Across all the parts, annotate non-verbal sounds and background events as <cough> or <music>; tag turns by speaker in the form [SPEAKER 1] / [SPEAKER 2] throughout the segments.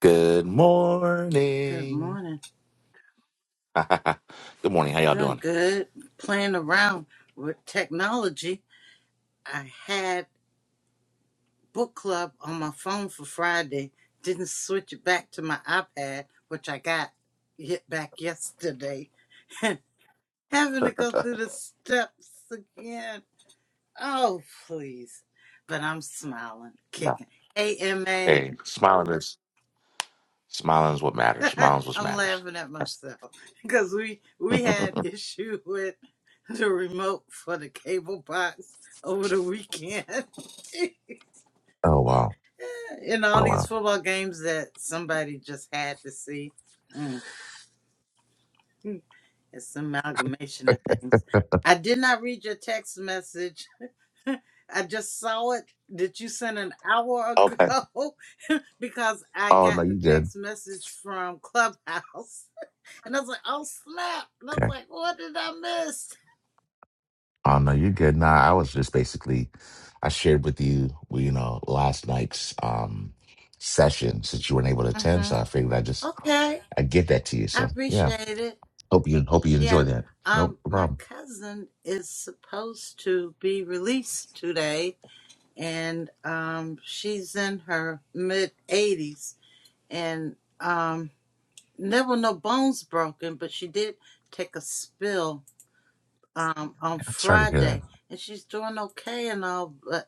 [SPEAKER 1] Good
[SPEAKER 2] Good
[SPEAKER 1] morning.
[SPEAKER 2] morning.
[SPEAKER 1] <laughs> Good morning. How y'all
[SPEAKER 2] Doing
[SPEAKER 1] doing?
[SPEAKER 2] good. Playing around with technology. I had book club on my phone for Friday. Didn't switch it back to my iPad, which I got hit back yesterday. <laughs> Having to go through the steps again. Oh, please. But I'm smiling,
[SPEAKER 1] Yeah.
[SPEAKER 2] kicking. AMA.
[SPEAKER 1] Hey, smiling is smiling is what matters.
[SPEAKER 2] <laughs>
[SPEAKER 1] Smiling is what
[SPEAKER 2] I'm
[SPEAKER 1] matters.
[SPEAKER 2] laughing at
[SPEAKER 1] That's-
[SPEAKER 2] myself <laughs> because we we had
[SPEAKER 1] <laughs>
[SPEAKER 2] issue <laughs> with the remote for the cable box over the weekend
[SPEAKER 1] Oh wow.
[SPEAKER 2] <laughs> in all
[SPEAKER 1] Oh
[SPEAKER 2] these
[SPEAKER 1] wow.
[SPEAKER 2] football games that somebody just had to see. Mm, It's an amalgamation of things. I did not read your text message. <laughs> I just saw it that you sent an hour
[SPEAKER 1] okay.
[SPEAKER 2] ago <laughs> because I
[SPEAKER 1] Oh
[SPEAKER 2] got
[SPEAKER 1] no,
[SPEAKER 2] the
[SPEAKER 1] you good.
[SPEAKER 2] text message from Clubhouse And I was like, oh snap. And I was
[SPEAKER 1] Okay.
[SPEAKER 2] like, what did I miss?
[SPEAKER 1] Oh no, you're good. Nah, I was just basically I shared with you, well, you know, last night's um session since you weren't able to attend,
[SPEAKER 2] Mm-hmm.
[SPEAKER 1] so I figured I just
[SPEAKER 2] Okay.
[SPEAKER 1] I get that to you.
[SPEAKER 2] I
[SPEAKER 1] So yeah.
[SPEAKER 2] appreciate it.
[SPEAKER 1] Hope you hope you enjoy
[SPEAKER 2] Yeah.
[SPEAKER 1] that. Nope,
[SPEAKER 2] Um,
[SPEAKER 1] no
[SPEAKER 2] my
[SPEAKER 1] problem.
[SPEAKER 2] cousin is supposed to be released today and um she's in her mid eighties and um there were no bones broken, but she did take a spill um on
[SPEAKER 1] I'm sorry to hear that.
[SPEAKER 2] Friday and she's doing okay and all but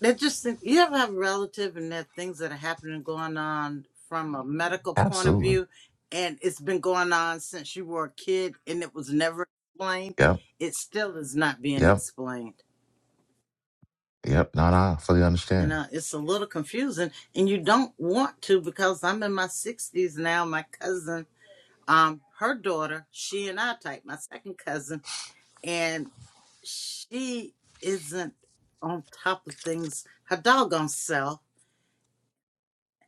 [SPEAKER 2] That just think- you ever have a relative and that things that are happening going on from a medical point of
[SPEAKER 1] Absolutely.
[SPEAKER 2] view, and it's been going on since you were a kid, and it was never explained.
[SPEAKER 1] Yep.
[SPEAKER 2] It still is not being
[SPEAKER 1] Yep.
[SPEAKER 2] explained,
[SPEAKER 1] Yep. No, no, I fully
[SPEAKER 2] and
[SPEAKER 1] understand.
[SPEAKER 2] uh, it's a little confusing. And you don't want to because I'm in my sixties now. My cousin, um, her daughter, she and I type my second cousin, and she isn't on top of things. Her doggone self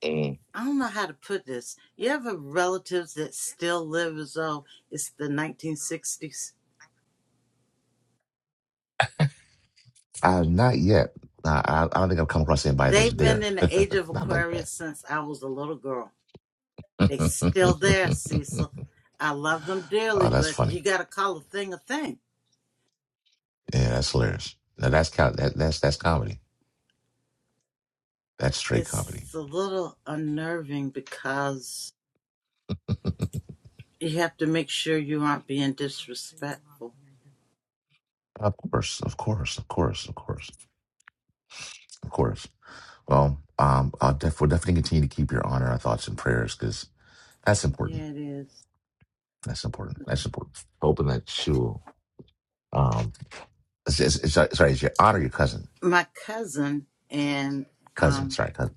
[SPEAKER 1] Mm.
[SPEAKER 2] I don't know how to put this. You have relatives that still live as though it's the 1960s.
[SPEAKER 1] Uh, not yet. Nah, I, I don't think I've come across anybody that's
[SPEAKER 2] They've been
[SPEAKER 1] there.
[SPEAKER 2] in
[SPEAKER 1] <laughs>
[SPEAKER 2] the age of
[SPEAKER 1] not like
[SPEAKER 2] Aquarius
[SPEAKER 1] that.
[SPEAKER 2] since I was a little girl. They still there,
[SPEAKER 1] <laughs>
[SPEAKER 2] Cecil. I love them
[SPEAKER 1] oh,
[SPEAKER 2] dearly,
[SPEAKER 1] that's
[SPEAKER 2] but
[SPEAKER 1] funny.
[SPEAKER 2] you got to call a thing a thing.
[SPEAKER 1] Yeah, that's hilarious. Now that's co- that, that's that's comedy. That's straight comedy.
[SPEAKER 2] It's a little unnerving because
[SPEAKER 1] <laughs>
[SPEAKER 2] you have to make sure you aren't being disrespectful.
[SPEAKER 1] Of course, of course, of course, of course, of course. Well, um, I'll def- we'll definitely continue to keep your honor, our thoughts and prayers, because that's important.
[SPEAKER 2] Yeah, it is.
[SPEAKER 1] That's important. That's important. Hoping that she will. Um, it's, it's, it's, sorry, it's your honor, your cousin,
[SPEAKER 2] My cousin and
[SPEAKER 1] cousin.
[SPEAKER 2] um.
[SPEAKER 1] Sorry, cousin.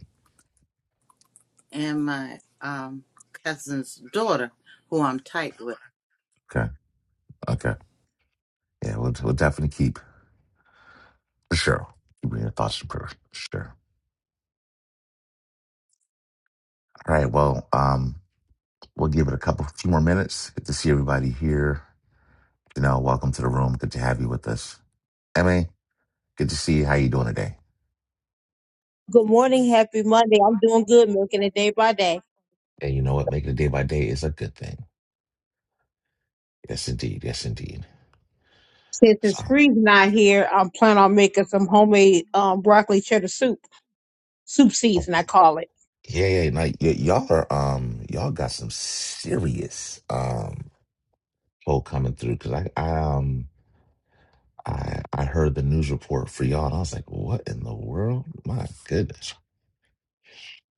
[SPEAKER 2] and my um cousin's daughter, who I'm tight with.
[SPEAKER 1] Okay. Okay. Yeah, we'll, we'll definitely keep for sure. Keep reading your thoughts and prayers for sure. All right. Well, um, we'll give it a couple, few more minutes. Good to see everybody here. Janelle, welcome to the room. Good to have you with us. Emmy, good to see you. How you doing today?
[SPEAKER 3] Good morning, happy Monday. I'm doing good, milking it day by day.
[SPEAKER 1] And you know what? Making it day by day is a good thing. Yes, indeed. Yes, indeed.
[SPEAKER 3] Since it's
[SPEAKER 1] So,
[SPEAKER 3] freezing not here, I'm planning on making some homemade um, broccoli cheddar soup, soup
[SPEAKER 1] oh,
[SPEAKER 3] season, I call it.
[SPEAKER 1] yeah, yeah. Now, y- y'all are, um, y'all got some serious, um, pull coming through because I, I, um, I I heard the news report for y'all, and I was like, "What in the world? My goodness!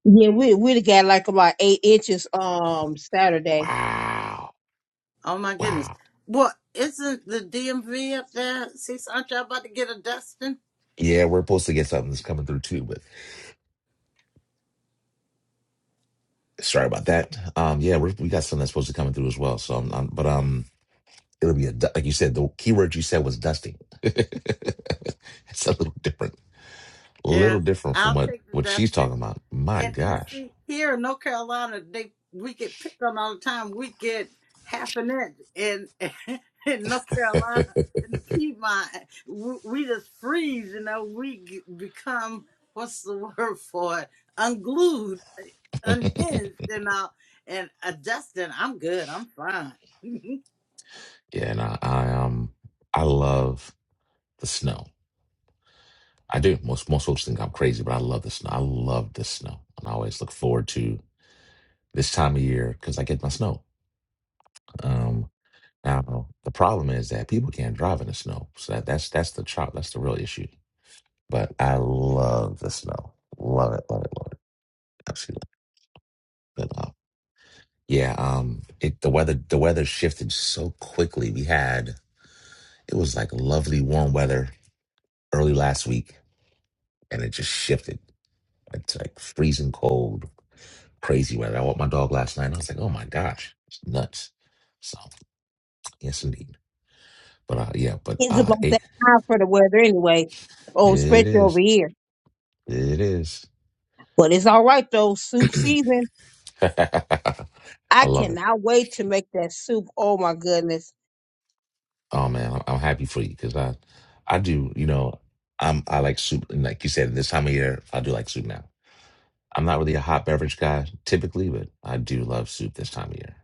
[SPEAKER 3] Yeah, we we done got like about eight inches um Saturday.
[SPEAKER 1] Wow,
[SPEAKER 2] Oh my goodness.
[SPEAKER 1] wow."
[SPEAKER 2] Well, isn't the DMV up there? See, aren't y'all about to get a Dustin?
[SPEAKER 1] Yeah, we're supposed to get something that's coming through too, but sorry about that. Um, yeah, we're, we got something that's supposed to coming through as well. So, I'm, I'm- but um, it'll be a du- like you said. The key word you said was dusting. <laughs> it's a little different, a
[SPEAKER 2] Yeah,
[SPEAKER 1] little different from
[SPEAKER 2] I'll
[SPEAKER 1] what
[SPEAKER 2] take the
[SPEAKER 1] what she's
[SPEAKER 2] Dustin.
[SPEAKER 1] talking about. My
[SPEAKER 2] and, and
[SPEAKER 1] gosh,
[SPEAKER 2] see here in North Carolina, they we get picked on all the time. We get half an inch in <laughs> in North Carolina in the Piedmont. We, we just freeze, you know. We get, become what's the <laughs> word for it? Unglued, uh, unhinged, you know. And adjusting, I'm good. I'm fine. <laughs>
[SPEAKER 1] yeah. And I, I um, I love the snow. I do. Most most folks think I'm crazy, but I love the snow. I love the snow, and I always look forward to this time of year because I get my snow. Um, now the problem is that people can't drive in the snow, so that, that's that's the chop. That's the real issue. But I love the snow. Love it. Love it. Love it. Absolutely. But uh, yeah, um, it the weather the weather shifted so quickly. We had it was like lovely warm weather early last week, and it just shifted. It's like freezing cold Crazy, right? I walked my dog last night and I was like, oh my gosh, it's nuts. So, yes, indeed. But uh, yeah, but
[SPEAKER 3] It's
[SPEAKER 1] uh,
[SPEAKER 3] about
[SPEAKER 1] it,
[SPEAKER 3] that time for the weather anyway. Oh,
[SPEAKER 1] it
[SPEAKER 3] especially over
[SPEAKER 1] is.
[SPEAKER 3] here.
[SPEAKER 1] It is.
[SPEAKER 3] But it's all right though. Soup season.
[SPEAKER 1] <laughs> I
[SPEAKER 3] I
[SPEAKER 1] love it.
[SPEAKER 3] cannot wait to make that soup. Oh my goodness.
[SPEAKER 1] Oh man, I'm, I'm happy for you because I, I do, you know, I'm, I like soup. And like you said, this time of year, I do like soup now. I'm not really a hot beverage guy typically, but I do love soup this time of year.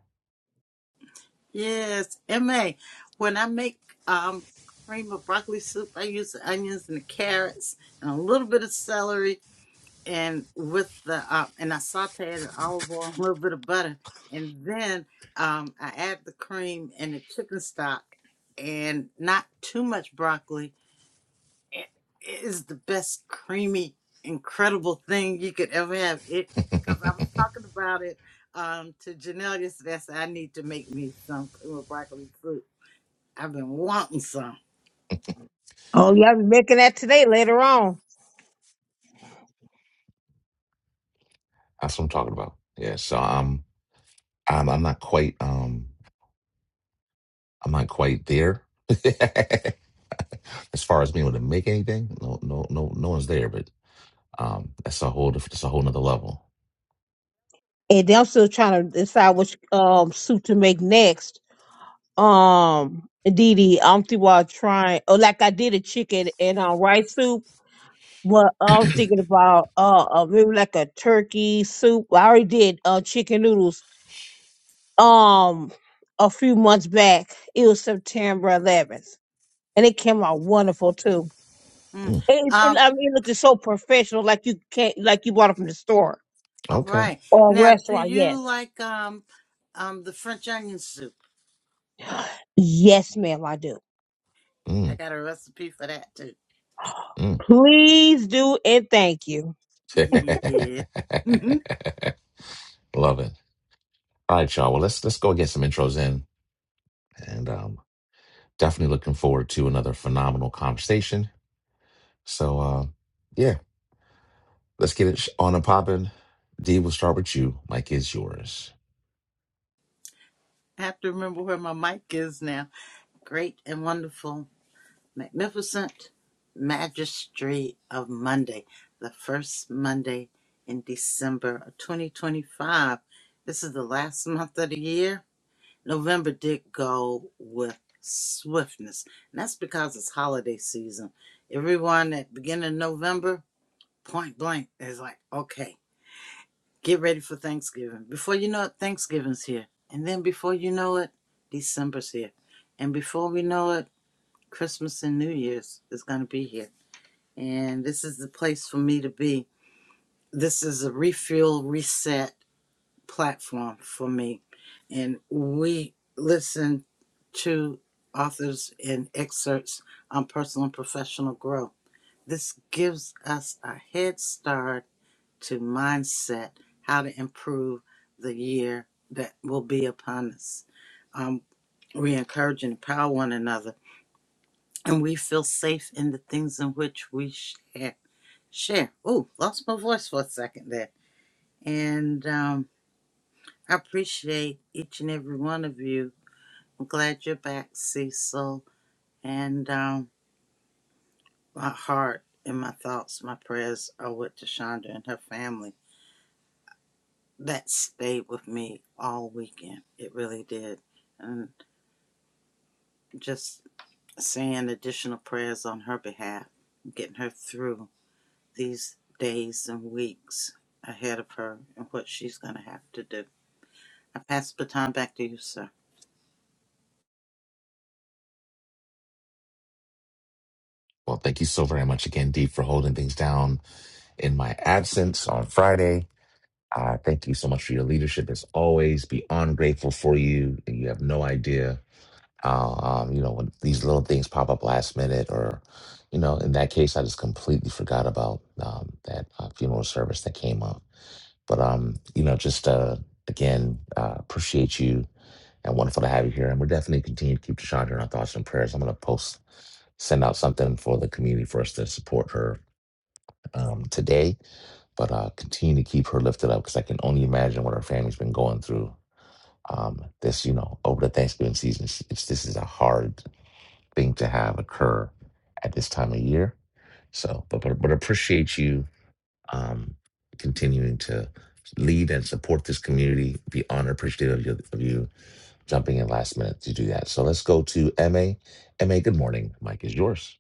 [SPEAKER 2] yes, ma. When I make um cream of broccoli soup, I use the onions and the carrots and a little bit of celery and with the uh, and I sauteed the olive oil, and a little bit of butter, and then um, I add the cream and the chicken stock, and not too much broccoli. it is the best creamy, incredible thing you could ever have. It because I was talking about it um, to Janelle yesterday. I said I need to make me some cream of broccoli soup. I've been wanting some.
[SPEAKER 3] Oh yeah, I'll be making that today later on.
[SPEAKER 1] That's what I'm talking about. Yeah. So I'm, I'm, I'm not quite, um, I'm not quite there. <laughs> as far as being able to make anything, no, no, no, no one's there. But um, that's a whole different, that's a whole nother level.
[SPEAKER 3] and then I'm still trying to decide which um suit to make next. Um, Didi, I'm thinking about trying. Oh, like I did a chicken and uh, rice soup. But I'm thinking about uh, uh maybe like a turkey soup. I already did uh chicken noodles um a few months back. It was September 11th, and it came out wonderful too.
[SPEAKER 2] Mm.
[SPEAKER 1] Mm,
[SPEAKER 3] It, it,
[SPEAKER 2] Um.
[SPEAKER 3] I mean, it looks so professional, like you can't, like you bought it from the store
[SPEAKER 2] All
[SPEAKER 1] okay.
[SPEAKER 2] right.
[SPEAKER 3] or a
[SPEAKER 2] Now, do
[SPEAKER 3] restaurant. Yes,
[SPEAKER 2] you like um um the French onion soup?
[SPEAKER 3] yes, ma'am, I do.
[SPEAKER 2] I
[SPEAKER 1] Mm,
[SPEAKER 2] got a recipe for that too.
[SPEAKER 1] mm.
[SPEAKER 3] Please do, and thank you.
[SPEAKER 2] Yeah. hmm
[SPEAKER 1] <laughs> Love it. All right, y'all. Well, let's let's go get some intros in, and um, definitely looking forward to another phenomenal conversation. So, uh, yeah, let's get it sh- on and popping. D, we'll start with you. Mike is yours.
[SPEAKER 2] I have to remember where my mic is now. Great and wonderful, magnificent Magistry of Monday, the first Monday in December of 2025. This is the last month of the year. November did go with swiftness, and that's because it's holiday season. Everyone at the beginning of November, point blank, is like, okay. Get ready for Thanksgiving. Before you know it, Thanksgiving's here. And then before you know it, December's here. And before we know it, Christmas and New Year's is going to be here. And this is the place for me to be. This is a refuel, reset platform for me. And we listen to authors and excerpts on personal and professional growth. This gives us a head start to mindset, how to improve the year that will be upon us. Um, we encourage and empower one another, and we feel safe in the things in which we share. Share. Oh, lost my voice for a second there. And um, I appreciate each and every one of you. I'm glad you're back, Cecil. And um, my heart and my thoughts, my prayers are with Deshonda and her family that stayed with me all weekend. It really did. And just saying additional prayers on her behalf, getting her through these days and weeks ahead of her and what she's going to have to do. I pass the time back to you, sir.
[SPEAKER 1] Well, thank you so very much again, D, for holding things down in my absence on Friday I thank you so much for your leadership as always. Beyond grateful for you, and you have no idea how um, you know when these little things pop up last minute, or you know, in that case, I just completely forgot about um, that uh, funeral service that came up. But um, you know, just uh, again, uh, appreciate you and wonderful to have you here. And we're definitely continue to keep Chandra in our thoughts and prayers. I'm going to post, send out something for the community for us to support her um, today but uh, continue to keep her lifted up because I can only imagine what her family's been going through. Um, this, you know, over the Thanksgiving season, it's, this is a hard thing to have occur at this time of year. So, but but, but appreciate you um, continuing to lead and support this community. Be honored, appreciative of you, of you jumping in last minute to do that. So let's go to M A. M A. good morning. Mike is yours.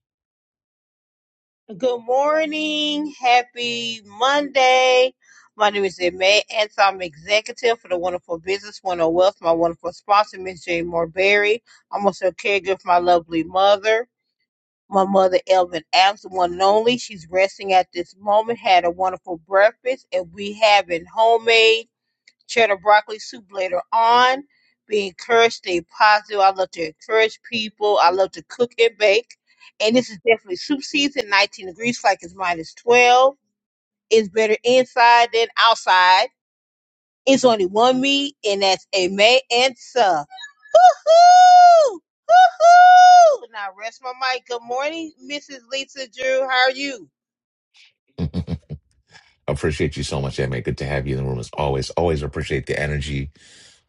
[SPEAKER 3] Good morning, happy Monday. My name is Emma, and so I'm executive for the Wonderful Business, Wonderful Wealth. My wonderful sponsor, Miss Jane Morberry. I'm also a caregiver for my lovely mother. my mother Elvin Adams, one and only. She's resting at this moment. Had a wonderful breakfast, and we having homemade cheddar broccoli soup later on. Be encouraged, stay positive. I love to encourage people. I love to cook and bake. And this is definitely soup season, 19 degrees, like it's minus 12. It's better inside than outside. It's only one me, and that's a May answer. Woo-hoo! Woo-hoo! Now rest my mic. Good morning, Mrs. Lisa Drew. How are you?
[SPEAKER 1] <laughs> appreciate you so much, MA. Good to have you in the room as always. Always appreciate the energy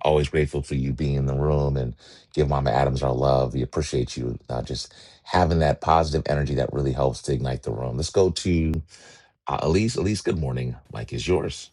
[SPEAKER 1] Always grateful for you being in the room and give Mama Adams our love. We appreciate you uh, just having that positive energy that really helps to ignite the room. Let's go to uh, Elise. Elise, good morning. Mike is yours.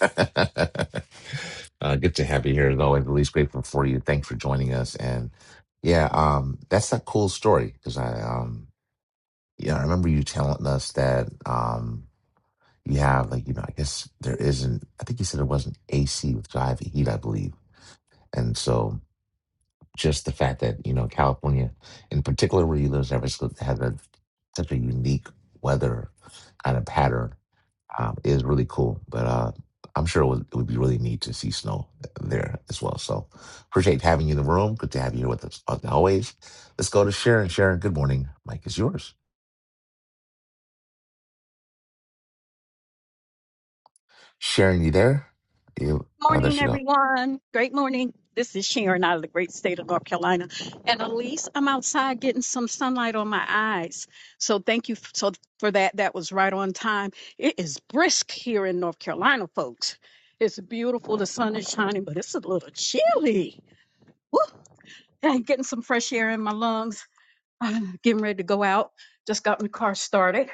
[SPEAKER 1] <laughs> uh, good to have you here as always. Elise, grateful for you. Thanks for joining us. And yeah, um, that's a cool story because I, um, yeah, I remember you telling us that um, you have like you know I guess there isn't. I think you said there wasn't AC with drive heat, I believe, and so. just the fact that you know California, in particular where you live, San Francisco, has a, such a unique weather kind of pattern um, is really cool. But uh, I'm sure it would, it would be really neat to see snow there as well. So appreciate having you in the room. Good to have you here with us as always. Let's go to Sharon. Sharon, good morning. Mike is yours. Sharon, you there? You. Oh, there
[SPEAKER 4] Morning,
[SPEAKER 1] she go.
[SPEAKER 4] everyone. Great morning. This is Sharon out of the great state of North Carolina. And Elise, I'm outside getting some sunlight on my eyes. So thank you f- so for that. That was right on time. It is brisk here in North Carolina, folks. It's beautiful. The sun is shining, but it's a little chilly. Woo! And getting some fresh air in my lungs. <sighs> getting ready to go out. Just got my car started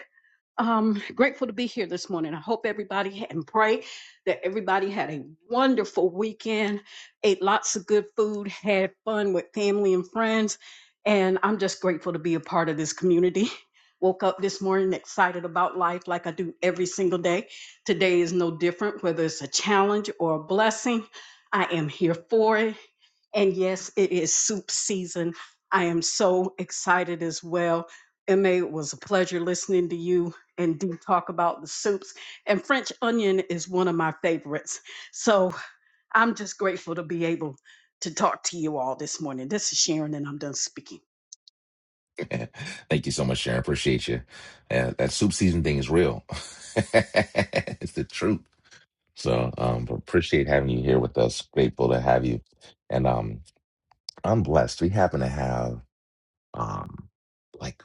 [SPEAKER 4] um grateful to be here this morning i hope everybody had, and pray that everybody had a wonderful weekend ate lots of good food had fun with family and friends and i'm just grateful to be a part of this community <laughs> woke up this morning excited about life like i do every single day today is no different whether it's a challenge or a blessing i am here for it and yes, it is soup season. I am so excited as well. Emma, it was a pleasure listening to you and do talk about the soups. And French onion is one of my favorites. So I'm just grateful to be able to talk to you all this morning. This is Sharon, and I'm done speaking.
[SPEAKER 1] <laughs> Thank you so much, Sharon. Appreciate you. Uh, that soup season thing is real. <laughs> it's the truth. So um, appreciate having you here with us. Grateful to have you. And um, I'm blessed. We happen to have um, like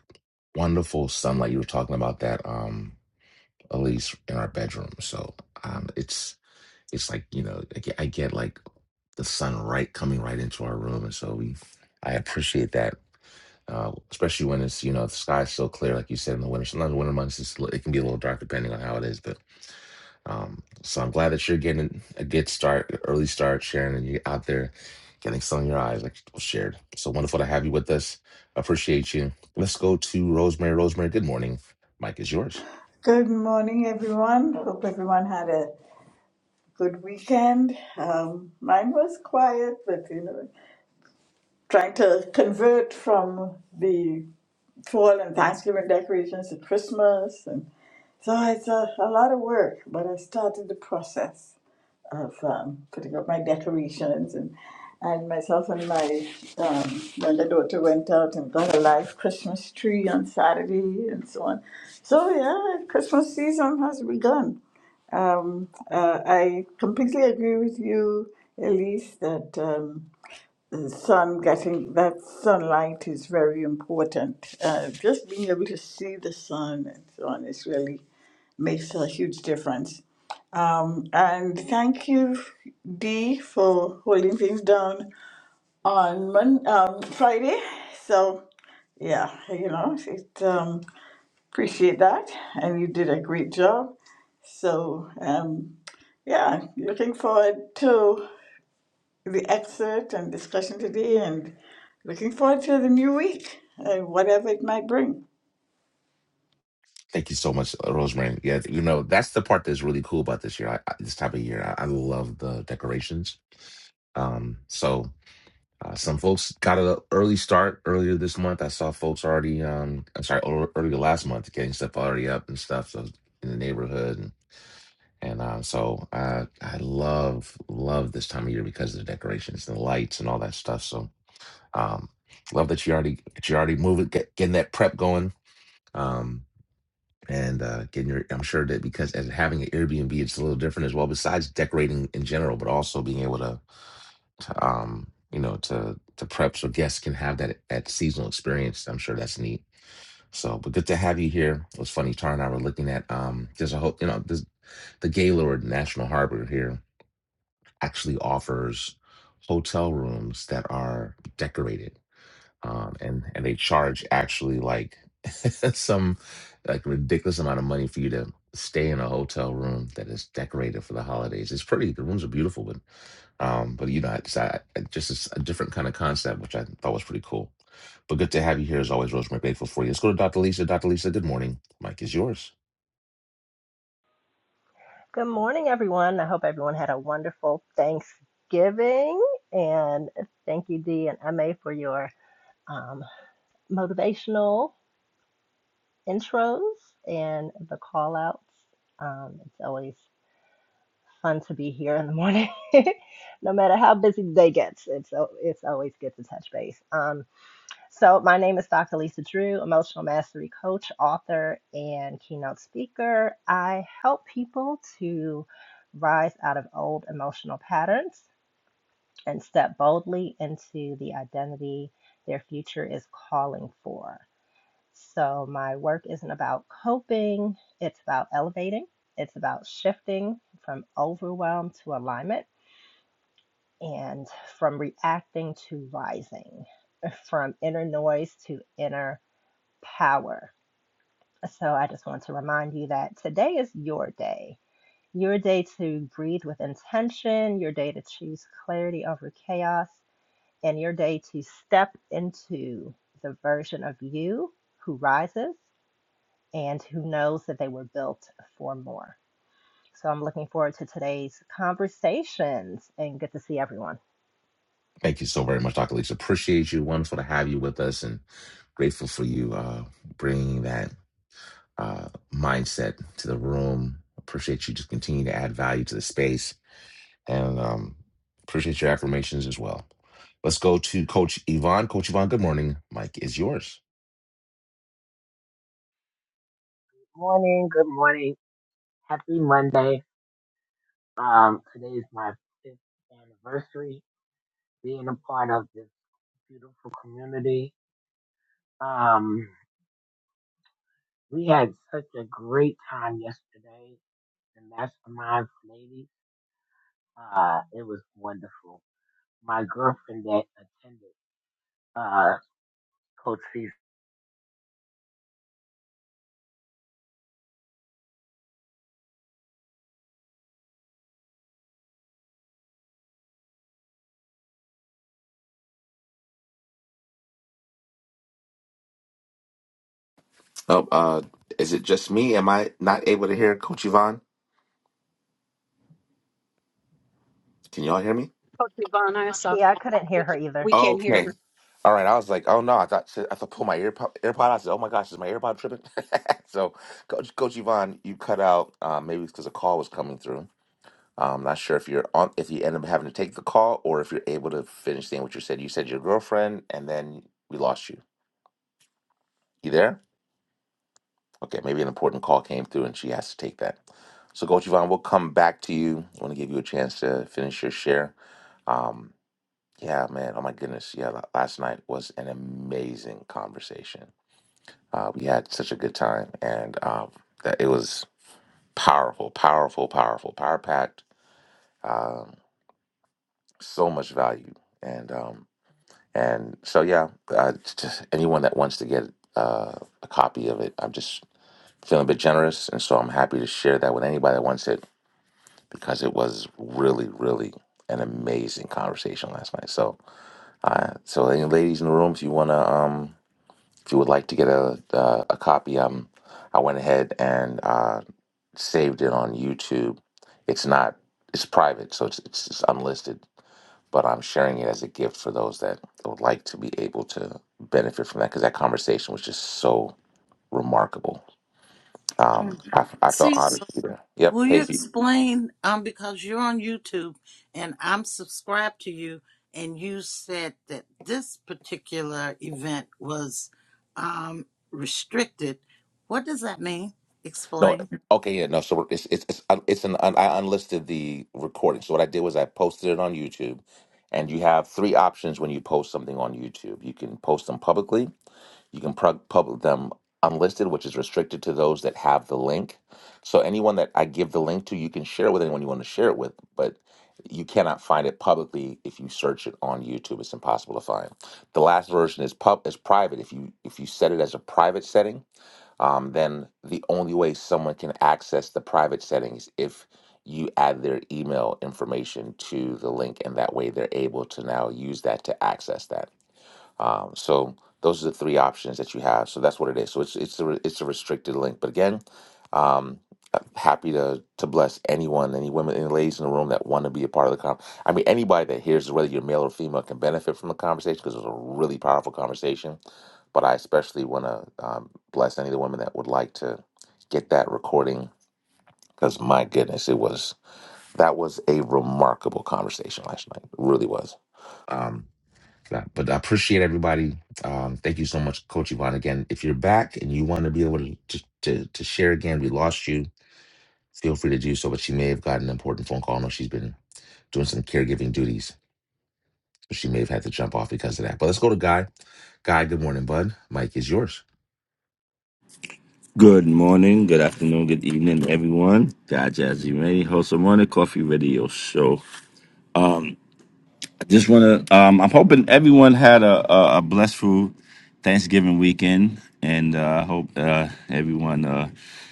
[SPEAKER 1] wonderful sunlight. You were talking about that, um, Elise, in our bedroom. So um, it's it's like you know I get, I get like the sun right coming right into our room, and so we I appreciate that. Uh, especially when it's you know the sky's so clear, like you said in the winter. Sometimes the winter months it's, it can be a little dark depending on how it is, but um, so I'm glad that you're getting a good start, early start, Sharon, and you're out there getting sun in your eyes, like was shared. So wonderful to have you with us. Appreciate you. Let's go to Rosemary. Rosemary, good morning. Mike is yours.
[SPEAKER 5] Good morning, everyone. Hope everyone had a good weekend. Um, mine was quiet, but you know, trying to convert from the fall and Thanksgiving decorations to Christmas, and so it's a, a lot of work. But I started the process of um, putting up my decorations, and and myself and my um, younger daughter went out and got a live Christmas tree on Saturday, and so on. So yeah, Christmas season has begun. Um, uh, I completely agree with you, Elise, that um, the sun getting that sunlight is very important. Uh, just being able to see the sun and so on is really makes a huge difference. And thank you, Dee, for holding things down on Mon- um, Friday. So yeah, you know, it, um, appreciate that, and you did a great job. So, um, yeah, looking forward to the excerpt and discussion today, and looking forward to the new week and whatever it might bring.
[SPEAKER 1] Thank you so much, uh, Rosemary. Yeah, you know that's the part that's really cool about this year. I, I, this time of year, I, I love the decorations. Um, so Uh, some folks got an early start earlier this month. I saw folks already, um, I'm sorry, ear- earlier last month, getting stuff already up and stuff so in the neighborhood. And, and uh, so I I love, love this time of year because of the decorations and the lights and all that stuff. So um, love that you already, that you already moving, get, getting that prep going. Um, and uh, getting your, I'm sure that because as having an Airbnb, it's a little different as well, besides decorating in general, but also being able to um, you know, to to prep so guests can have that that seasonal experience. I'm sure that's neat. So, but good to have you here. It was funny. Tara and I were looking at um, there's a whole, you know, there's the Gaylord National Harbor here actually offers hotel rooms that are decorated um, and and they charge actually like <laughs> some like ridiculous amount of money for you to stay in a hotel room that is decorated for the holidays. It's pretty. The rooms are beautiful, but um, but you know, it's I, it just it's a different kind of concept, which I thought was pretty cool. But good to have you here as always, Rosemary. Grateful for you. Let's go to Dr. Lisa. Dr. Lisa, good morning. Mike is yours.
[SPEAKER 6] Good morning, everyone. I hope everyone had a wonderful Thanksgiving. And thank you, Dee and MA, for your um, motivational intros and the call outs. Um, it's always fun to be here in the morning, <laughs> no matter how busy the day gets. It's, al- it's always good to touch base. Um, So, my name is Dr. Lisa Drew, emotional mastery coach, author, and keynote speaker. I help people to rise out of old emotional patterns and step boldly into the identity their future is calling for. So, my work isn't about coping, it's about elevating, it's about shifting from overwhelm to alignment and from reacting to rising, from inner noise to inner power. So I just want to remind you that today is your day, your day to breathe with intention, your day to choose clarity over chaos, and your day to step into the version of you who rises and who knows that they were built for more. So I'm looking forward to today's conversations and good to see everyone.
[SPEAKER 1] Thank you so very much, Dr. Lisa. Appreciate you. Wonderful to have you with us, and grateful for you uh, bringing that. uh, mindset to the room. Appreciate you just continue to add value to the space and um, appreciate your affirmations as well. Let's go to Coach Yvonne. Coach Yvonne, good morning. Mike is yours.
[SPEAKER 7] Morning, good morning. Happy Monday. Um, today is my fifth anniversary being a part of this beautiful community. Um, we had such a great time yesterday. The mastermind ladies, uh, it was wonderful. My girlfriend that attended, uh, Coach C's.
[SPEAKER 1] Oh, uh, is it just me? Am I not able to hear Coach Yvonne? Can y'all hear me?
[SPEAKER 4] Coach Yvonne, I saw
[SPEAKER 6] Yeah, I couldn't hear
[SPEAKER 4] we,
[SPEAKER 6] her
[SPEAKER 4] c-
[SPEAKER 6] either.
[SPEAKER 4] we can't hear
[SPEAKER 1] Okay.
[SPEAKER 4] her.
[SPEAKER 1] All right. I was like, oh no, I thought I have to pull my earpod, AirPod out. I said, oh my gosh, is my AirPod tripping? <laughs> so, Coach, Coach Yvonne, you cut out. Uh, maybe because a call was coming through. I'm not sure if you're on if you end up having to take the call or if you're able to finish saying what you said. You said your girlfriend, and then we lost you. You there? Okay, maybe an important call came through and she has to take that. So, Coach Yvonne, we'll come back to you. I want to give you a chance to finish your share. Um, yeah, man. Oh my goodness. Yeah, la- last night was an amazing conversation. Uh, we had such a good time, and um, that it was powerful, powerful, powerful, power packed. Um, so much value, and um, And so, yeah, uh, just anyone that wants to get uh, a copy of it, I'm just feeling a bit generous. And so I'm happy to share that with anybody that wants it because it was really, really an amazing conversation last night. So, uh, so any ladies in the room, if you want to, um, if you would like to get a, uh, a copy, um, I went ahead and uh, saved it on YouTube. It's not, it's private, so it's, it's, it's unlisted but I'm sharing it as a gift for those that would like to be able to benefit from that because that conversation was just so remarkable. Um,
[SPEAKER 2] Mm.
[SPEAKER 1] I, I
[SPEAKER 2] So
[SPEAKER 1] felt
[SPEAKER 2] you
[SPEAKER 1] honored. Peter. Yep.
[SPEAKER 2] Will you
[SPEAKER 1] Hey, B.
[SPEAKER 2] explain? Um, because you're on YouTube and I'm subscribed to you, and you said that this particular event was um, restricted. What does that mean?
[SPEAKER 1] no.
[SPEAKER 2] Explain.
[SPEAKER 1] Okay. Yeah. No. So we're- it's it's it's uh, it's an un, I unlisted the recording. So what I did was I posted it on YouTube, and you have three options when you post something on YouTube. You can post them publicly. You can plug public them unlisted, which is restricted to those that have the link. So anyone that I give the link to, you can share with anyone you want to share it with, but you cannot find it publicly if you search it on YouTube. It's impossible to find. The last version is pub is private. If you if you set it as a private setting, um, then the only way someone can access the private settings if you add their email information to the link, and that way they're able to now use that to access that. Um, so those are the three options that you have. So that's what it is. So it's it's a, re- it's a restricted link. But again, um, uh, happy to to bless anyone, any women, any ladies in the room that want to be a part of the con. I mean, anybody that hears, whether you're male or female, can benefit from the conversation because it's a really powerful conversation. But I especially want to um, bless any of the women that would like to get that recording because my goodness, it was that was a remarkable conversation last night. It really was. Um, that. But I appreciate everybody. Um, thank you so much, Coach Yvonne. Again, if you're back and you want to be able to, to to to share again, we lost you. Feel free to do so. But she may have gotten an important phone call. I know she's been doing some caregiving duties, so she may have had to jump off because of that. But let's go to Guy. Guy, good morning, bud. Mike is yours.
[SPEAKER 8] Good morning, good afternoon, good evening, everyone. God Jazzy Ray, host of Morning Coffee Radio Show. I just want to, um, I'm hoping everyone had a, a, a blessful Thanksgiving weekend, and uh, I hope uh, everyone uh,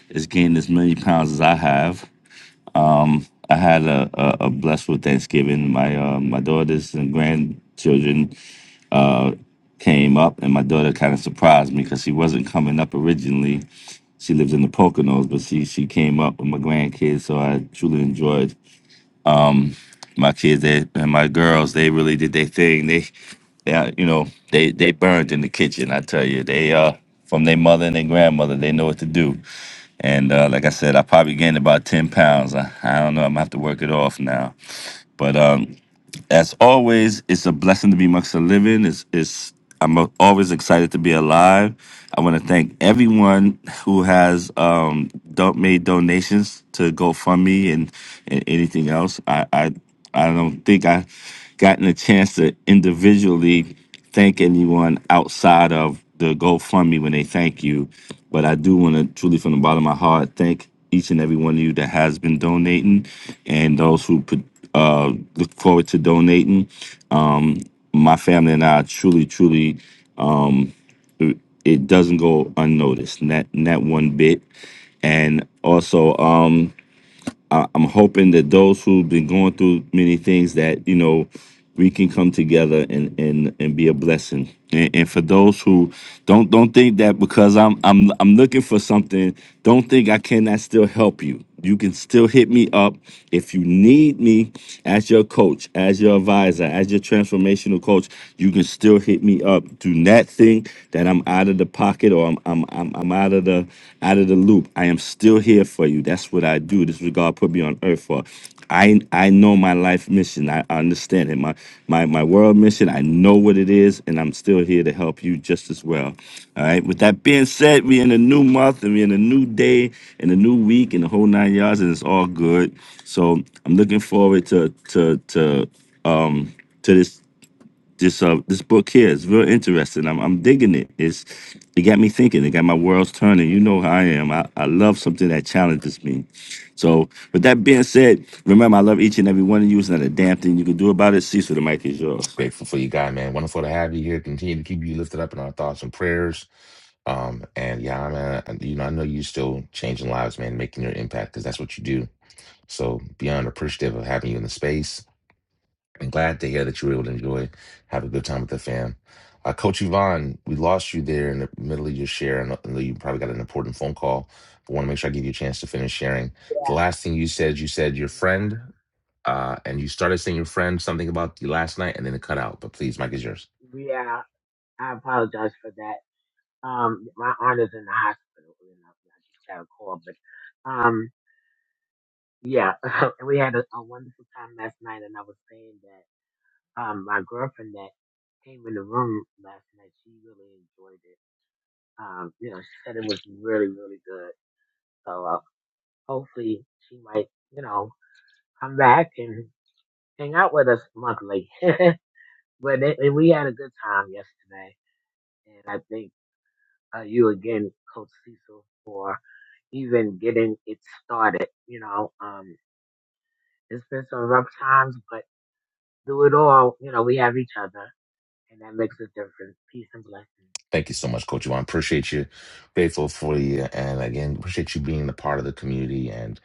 [SPEAKER 8] is gaining as many pounds as I have. I had a, a, a blessful Thanksgiving. My uh, my daughters and grandchildren uh, came up, and my daughter kind of surprised me because she wasn't coming up originally. She lives in the Poconos, but she she came up with my grandkids, so I truly enjoyed my kids they, and my girls. They really did their thing. They, they, uh, you know, they they burned in the kitchen. I tell you, they uh from their mother and their grandmother, they know what to do. And uh, like I said, I probably gained about ten pounds. I, I don't know. I'm gonna have to work it off now. But um, as always, it's a blessing to be amongst the living. It's, it's I'm always excited to be alive. I want to thank everyone who has um, do- made donations to GoFundMe and, and anything else. I, I I don't think I gotten a chance to individually thank anyone outside of the GoFundMe when they thank you, but I do want to truly, from the bottom of my heart, thank each and every one of you that has been donating and those who put, uh, look forward to donating. My family and I truly, truly, it doesn't go unnoticed, not, not one bit. And also, um, I'm hoping that those who've been going through many things that you know we can come together and and and be a blessing. And, and for those who don't don't think that because I'm I'm I'm looking for something, don't think I cannot still help you. You can still hit me up if you need me as your coach, as your advisor, as your transformational coach. You can still hit me up. Do not think that I'm out of the pocket or I'm I'm I'm I'm out of the out of the loop. I am still here for you. That's what I do. This is what God put me on earth for. I I know my life mission. I, I understand it. My my my world mission. I know what it is, and I'm still here to help you just as well. All right. With that being said, we're in a new month and we're in a new day and a new week and the whole nine yards, and it's all good. So I'm looking forward to to to um to this this uh this book here is real interesting. I'm I'm digging it. It's it got me thinking. It got my worlds turning. You know how I am. I, I love something that challenges me. So with that being said, remember I love each and every one of you. It's not a damn thing you can do about it. Cecil, the mic is yours.
[SPEAKER 1] Grateful for you, Guy, man. Wonderful to have you here. Continue to keep you lifted up in our thoughts and prayers. Um, and yeah, man, I- you know, I know you still changing lives, man, making your impact because that's what you do. So beyond appreciative of having you in the space I'm glad to hear that you were able to enjoy, have a good time with the fam. Uh, Coach Yvonne, we lost you there in the middle of your share. I know I know you probably got an important phone call, but want to make sure I give you a chance to finish sharing. The
[SPEAKER 7] Yeah,
[SPEAKER 1] last thing you said, you said your friend,
[SPEAKER 7] yeah,
[SPEAKER 1] uh, and you started saying your friend something about you last night, and then it cut out. But please, Mike is yours.
[SPEAKER 7] yeah. I apologize for that. Um, my aunt is in the hospital, and I just got a call, but um. Yeah, <laughs> and we had a, a wonderful time last night, and I was saying that um, my girlfriend that came in the room last night, she really enjoyed it. Um, you know, she said it was really, really good. So uh, hopefully, she might, you know, come back and hang out with us monthly. <laughs> but it, and we had a good time yesterday, and I think uh, you again, Coach Cecil, even getting it started. You know, um, it's been some rough times, but through it all, you know, we have each other and that makes a difference. Peace and blessings.
[SPEAKER 1] Thank you so much, Coach Yvonne. Appreciate you. Grateful for you. And again, appreciate you being a part of the community and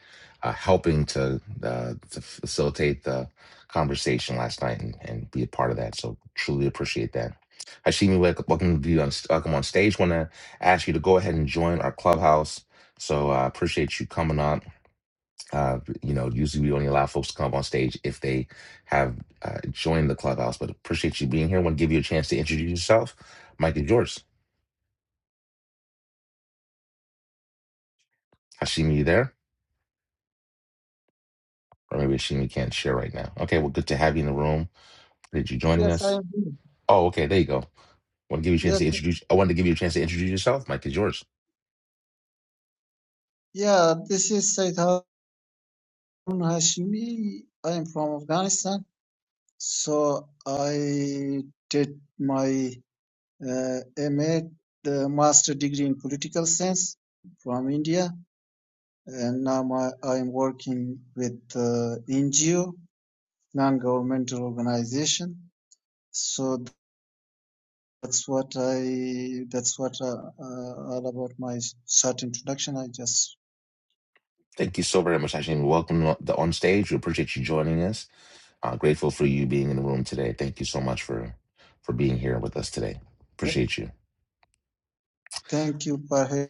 [SPEAKER 1] uh, helping to, uh, to facilitate the conversation last night and, and be a part of that. So truly appreciate that. Hashimi, welcome, welcome to you on, welcome on stage. Want to ask you to go ahead and join our clubhouse. So I uh, appreciate you coming on. Uh, you know, usually we only allow folks to come up on stage if they have uh, joined the clubhouse, but appreciate you being here. Want to give you a chance to introduce yourself. Mike is yours. Hashimi, you there? Or maybe Hashimi can't share right now. Okay, well, good to have you in the room. Did you joining
[SPEAKER 9] Yes, I
[SPEAKER 1] us?
[SPEAKER 9] am.
[SPEAKER 1] Oh, okay, there you go. Want to give you a chance
[SPEAKER 9] Yes,
[SPEAKER 1] to introduce. I wanted to give you a chance to introduce yourself. Mike is yours.
[SPEAKER 9] yeah, this is Said Harun Hashimi. I am from Afghanistan. So I did my uh, MA, the master degree in political science from India. And now my, I'm working with uh, NGO, non-governmental organization. So that's what I, that's what uh, uh, all about my short introduction. I just
[SPEAKER 1] Thank you so very much, Hashimi. Welcome to the on stage. We appreciate you joining us. Uh, grateful for you being in the room today. Thank you so much for for being here with us today.
[SPEAKER 9] th-
[SPEAKER 1] Appreciate you.
[SPEAKER 9] thank you, for.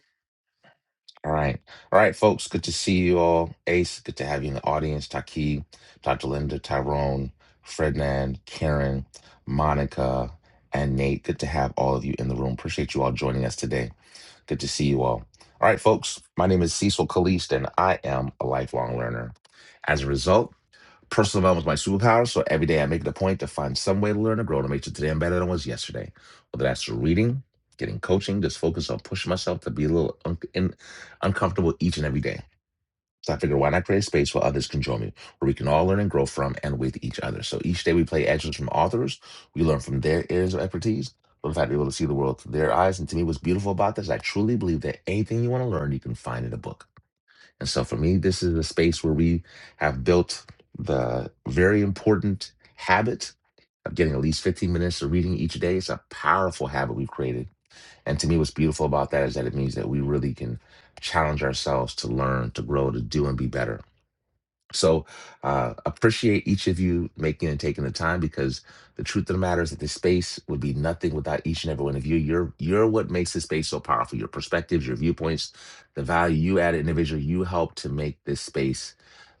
[SPEAKER 1] All right. All right, folks. Good to see you all. Ace, good to have you in the audience. Taki, Dr. Linda, Tyrone, Frednan, Karen, Monica, and Nate. Good to have all of you in the room. Appreciate you all joining us today. Good to see you all. All right, folks. My name is Cecil Kalist, and I am a lifelong learner. As a result, Personal development is my superpower, so every day I make it a point to find some way to learn and grow to make sure today I'm better than I was yesterday. Whether that's through reading, getting coaching, just focus on pushing myself to be a little un- in- uncomfortable each and every day. So I figured, why not create a space where others can join me, where we can all learn and grow from and with each other. So each day we play excerpts from authors, we learn from their areas of expertise, but in fact, be able to see the world through their eyes. And to me, what's beautiful about this, I truly believe that anything you want to learn, you can find in a book. And so for me, this is a space where we have built the very important habit of getting at least 15 minutes of reading each day. It's a powerful habit we've created. And to me, what's beautiful about that is that it means that we really can challenge ourselves to learn, to grow, to do, and be better. So uh, appreciate each of you making and taking the time because the truth of the matter is that this space would be nothing without each and every one of you. You're you're what makes this space so powerful. Your perspectives, your viewpoints, the value you add individually, you help to make this space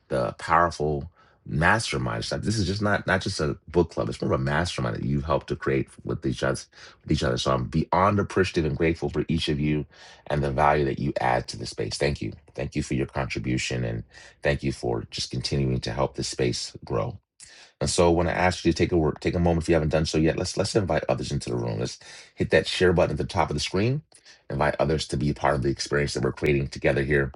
[SPEAKER 1] the powerful mastermind stuff. This is just not not just a book club. It's more of a mastermind that you've helped to create with each other. With each other. So I'm beyond appreciative and grateful for each of you and the value that you add to the space. Thank you. Thank you for your contribution and thank you for just continuing to help this space grow. And so when I ask you to take a work, take a moment if you haven't done so yet, let's let's invite others into the room. Let's hit that share button at the top of the screen. Invite others to be a part of the experience that we're creating together here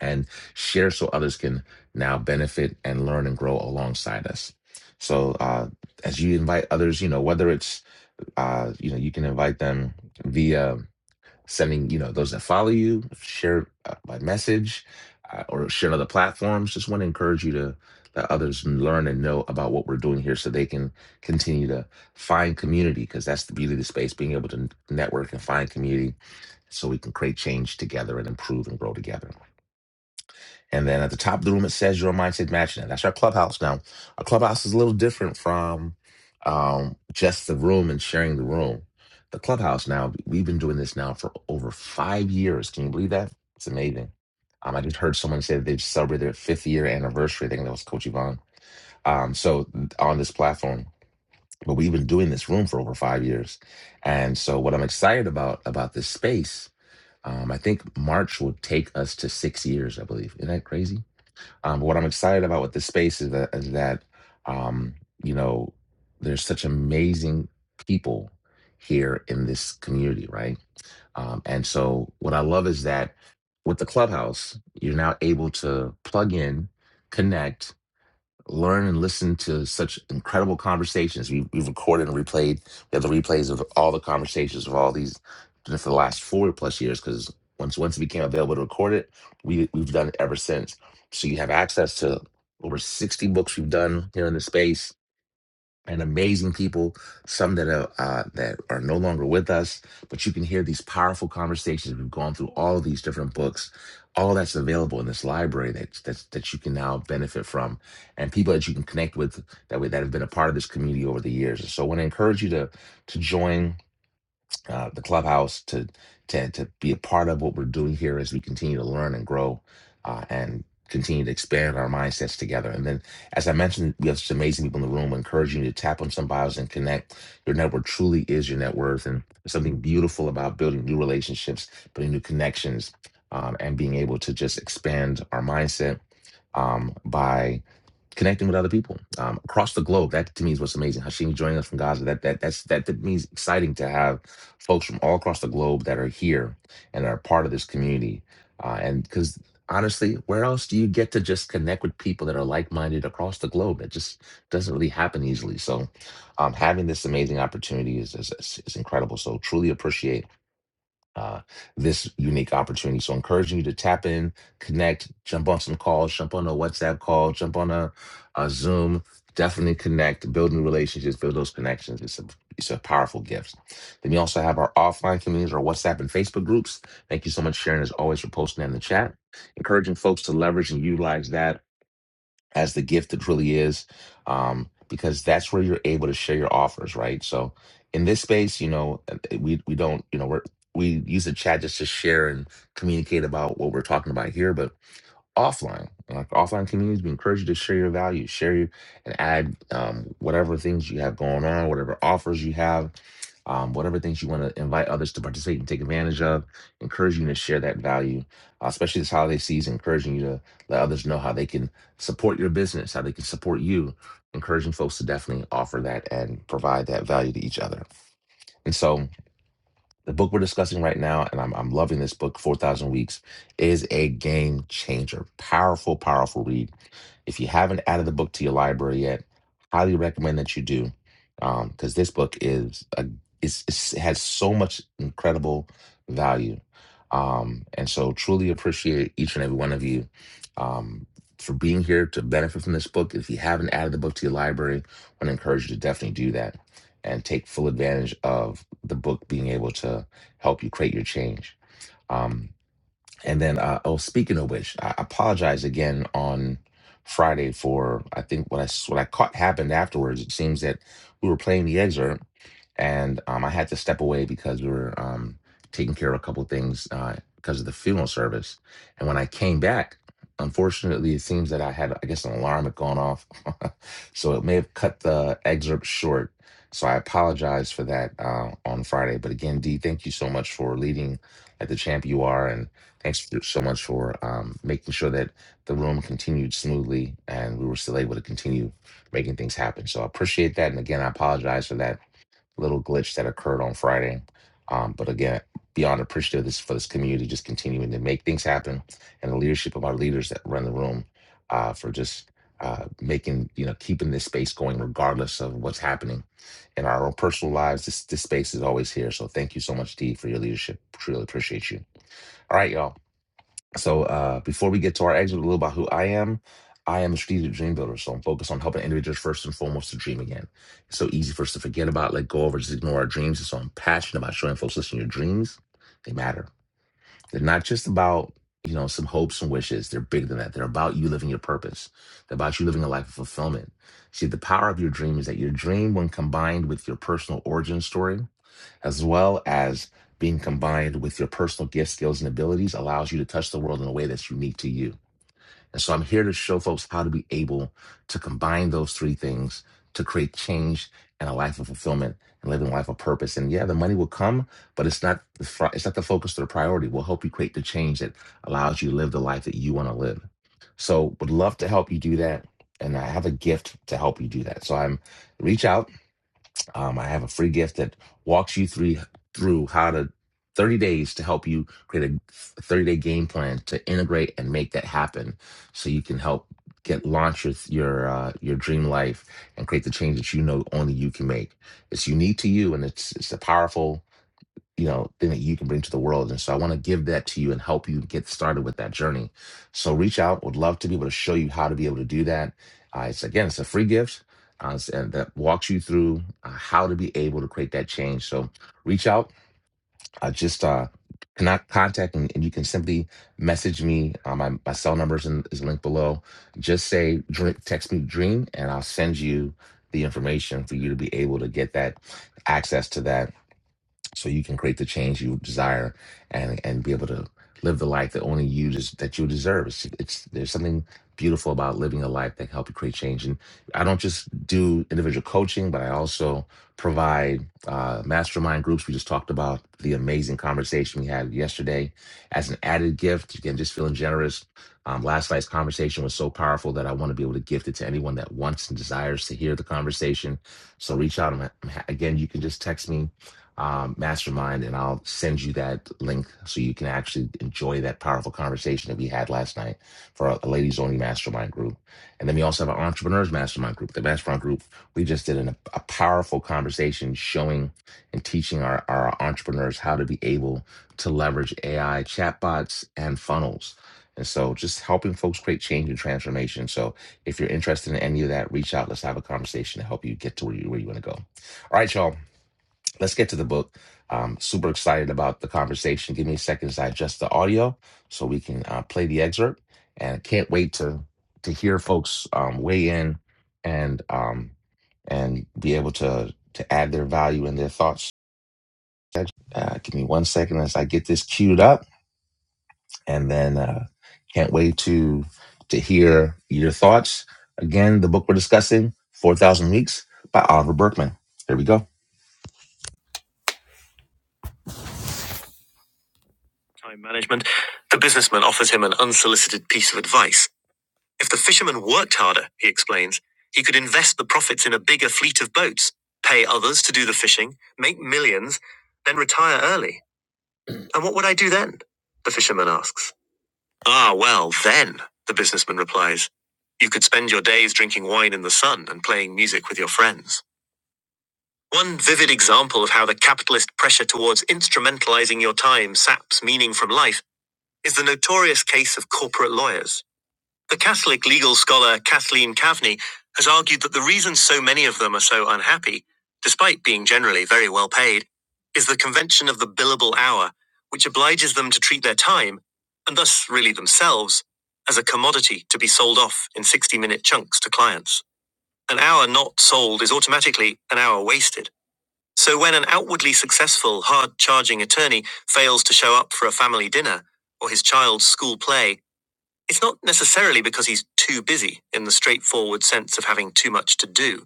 [SPEAKER 1] and share so others can now benefit and learn and grow alongside us. So uh, as you invite others, you know whether it's uh, you know you can invite them via sending you know those that follow you, share uh, by message, uh, or share on other platforms. Just want to encourage you to let others learn and know about what we're doing here, so they can continue to find community because that's the beauty of the space, being able to network and find community, so we can create change together and improve and grow together. And then at the top of the room, it says your mindset matching it. That's our clubhouse now. Our clubhouse is a little different from um, just the room and sharing the room. The clubhouse now, we've been doing this now for over five years. Can you believe that? It's amazing. Um, I just heard someone say that they've celebrated their fifth year anniversary. I think that was Coach Yvonne. Um, so on this platform, but we've been doing this room for over five years. And so what I'm excited about about this space, um, I think March will take us to six years, I believe. Isn't that crazy? Um, what I'm excited about with this space is that, is that um, you know, there's such amazing people here in this community, right? Um, and so what I love is that with the clubhouse, you're now able to plug in, connect, learn and listen to such incredible conversations. We, we've recorded and replayed. We have the replays of all the conversations of all these just for the last four plus years. Because once once it became available to record it, we we've done it ever since. So you have access to over sixty books we've done here in the space and amazing people, some that are uh, that are no longer with us, but you can hear these powerful conversations. We've gone through all these different books, all that's available in this library that that's, that you can now benefit from, and people that you can connect with that way that have been a part of this community over the years. And so, I want to encourage you to to join uh, the clubhouse to to to be a part of what we're doing here as we continue to learn and grow uh, and continue to expand our mindsets together. And then, as I mentioned, we have some amazing people in the room encouraging you to tap on some bios and connect. Your network truly is your net worth, and there's something beautiful about building new relationships, building new connections, um, and being able to just expand our mindset um, by connecting with other people um, across the globe. That to me is what's amazing. Hashim joining us from Gaza. That that that's that, that means exciting to have folks from all across the globe that are here and are part of this community. Uh, and because honestly, where else do you get to just connect with people that are like minded across the globe? It just doesn't really happen easily. So um, having this amazing opportunity is, is, is is incredible. So truly appreciate uh, this unique opportunity. So, encouraging you to tap in, connect, jump on some calls, jump on a WhatsApp call, jump on a, a Zoom. Definitely connect, build new relationships, build those connections. It's a it's a powerful gift. Then we also have our offline communities, our WhatsApp and Facebook groups. Thank you so much, Sharon, as always, for posting that in the chat. Encouraging folks to leverage and utilize that as the gift it really is, um, because that's where you're able to share your offers, right? So in this space, you know, uh, we we don't, you know, we're we use the chat just to share and communicate about what we're talking about here, but offline. Like offline communities, we encourage you to share your values, share your, and add um, whatever things you have going on, whatever offers you have, um, whatever things you want to invite others to participate and take advantage of. Encourage you to share that value, uh, especially this holiday season. Encouraging you to let others know how they can support your business, how they can support you. Encouraging folks to definitely offer that and provide that value to each other. And so. The book we're discussing right now, and I'm, I'm loving this book, 4,000 Weeks, is a game changer. Powerful, powerful read. If you haven't added the book to your library yet, highly recommend that you do, um, because this book is a is, is has so much incredible value, um, and so truly appreciate each and every one of you um, for being here to benefit from this book. If you haven't added the book to your library, I want to encourage you to definitely do that and take full advantage of the book being able to help you create your change. Um, and then, uh, oh, speaking of which, I apologize again on Friday for I think what I s- what I caught happened afterwards. It seems that we were playing the excerpt and um, I had to step away because we were um, taking care of a couple things uh, because of the funeral service. And when I came back, unfortunately, it seems that I had, I guess, an alarm had gone off, <laughs> so it may have cut the excerpt short. So I apologize for that uh, on Friday. But again, Dee, thank you so much for leading at the champ you are, and thanks for- so much for um, making sure that the room continued smoothly and we were still able to continue making things happen. So I appreciate that, and again, I apologize for that little glitch that occurred on Friday. Um, but again, beyond appreciative of this, for this community just continuing to make things happen and the leadership of our leaders that run the room uh, for just uh, making, you know, keeping this space going regardless of what's happening in our own personal lives. This, this space is always here. So thank you so much, Dee, for your leadership. Truly appreciate you. All right, y'all. So uh, before we get to our exit, a little about who I am. I am a strategic dream builder, so I'm focused on helping individuals first and foremost to dream again. It's so easy for us to forget about, let go of, or just ignore our dreams. And so I'm passionate about showing folks, listen, your dreams, they matter. They're not just about, you know, some hopes and wishes. They're bigger than that. They're about you living your purpose. They're about you living a life of fulfillment. See, the power of your dream is that your dream, when combined with your personal origin story, as well as being combined with your personal gifts, skills, and abilities allows you to touch the world in a way that's unique to you. And so I'm here to show folks how to be able to combine those three things to create change and a life of fulfillment and living a life of purpose. And yeah, the money will come, but it's not the fr- it's not the focus or the priority. We'll help you create the change that allows you to live the life that you want to live. So would love to help you do that. And I have a gift to help you do that. So I'm reach out um, I have a free gift that walks you through through how to 30 days to help you create a 30 day game plan to integrate and make that happen, so you can help get launch your your uh, your dream life and create the change that you know only you can make. It's unique to you, and it's it's a powerful you know thing that you can bring to the world and so i want to give that to you and help you get started with that journey so reach out would love to be able to show you how to be able to do that uh, it's again it's a free gift uh, it's- and that walks you through uh, how to be able to create that change so reach out uh, just uh cannot contact and, and you can simply message me uh, my, my cell number is, in, is linked below just say drink, text me dream and i'll send you the information for you to be able to get that access to that so you can create the change you desire and and be able to live the life that only you des- that you deserve. It's, it's there's something beautiful about living a life that can help you create change. And I don't just do individual coaching, but I also provide uh, mastermind groups. We just talked about the amazing conversation we had yesterday. As an added gift, again, just feeling generous. Um, last night's conversation was so powerful that I want to be able to gift it to anyone that wants and desires to hear the conversation. So reach out. I'm, I'm ha- again, you can just text me um, mastermind, and I'll send you that link so you can actually enjoy that powerful conversation that we had last night for a a ladies only mastermind group. And then we also have an entrepreneurs mastermind group. The mastermind group we just did an, a powerful conversation showing and teaching our, our entrepreneurs how to be able to leverage AI chatbots and funnels. And so, just helping folks create change and transformation. So, if you're interested in any of that, reach out. Let's have a conversation to help you get to where you where you want to go. All right, y'all. Let's get to the book. Um, super excited about the conversation. Give me a second to adjust the audio so we can uh, play the excerpt. And can't wait to to hear folks um, weigh in and um, and be able to to add their value and their thoughts. Uh, give me one second as I get this queued up, and then uh, can't wait to to hear your thoughts. Again, the book we're discussing, Four Thousand Weeks by Oliver Berkman. Here we go. time management, the businessman offers him an unsolicited piece of advice. If the fisherman worked harder, he explains, he could invest the profits in a bigger fleet of boats, pay others to do the fishing, make millions, then retire early. And what would I do then? The fisherman asks. Ah, well, then, the businessman replies, you could spend your days drinking wine in the sun and playing music with your friends. One vivid example of how the capitalist pressure towards instrumentalizing your time saps meaning from life is the notorious case of corporate lawyers. The Catholic legal scholar Kathleen Kavney has argued that the reason so many of them are so unhappy, despite being generally very well paid, is the convention of the billable hour, which obliges them to treat their time, and thus really themselves, as a commodity to be sold off in 60 minute chunks to clients. An hour not sold is automatically an hour wasted. So when an outwardly successful, hard charging attorney fails to show up for a family dinner or his child's school play, it's not necessarily because he's too busy in the straightforward sense of having too much to do.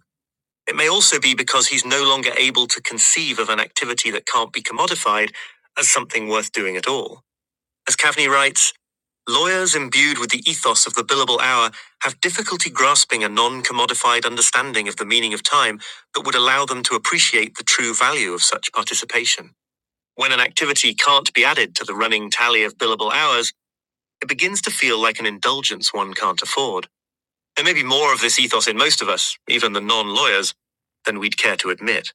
[SPEAKER 1] It may also be because he's no longer able to conceive of an activity that can't be commodified as something worth doing at all. As Kavni writes, Lawyers imbued with the ethos of the billable hour have difficulty grasping a non commodified understanding of the meaning of time that would allow them to appreciate the true value of such participation. When an activity can't be added to the running tally of billable hours, it begins to feel like an indulgence one can't afford. There may be more of this ethos in most of us, even the non lawyers, than we'd care to admit.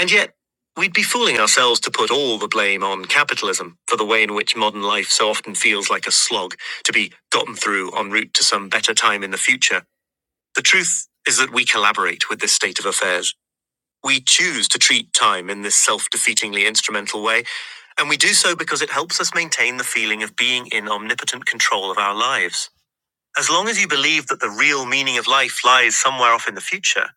[SPEAKER 1] And yet, we'd be fooling ourselves to put all the blame on capitalism for the way in which modern life so often feels like a slog to be gotten through en route to some better time in the future. The truth is that we collaborate with this state of affairs. We choose to treat time in this self defeatingly instrumental way, and we do so because it helps us maintain the feeling of being in omnipotent control of our lives. As long as you believe that the real meaning of life lies somewhere off in the future,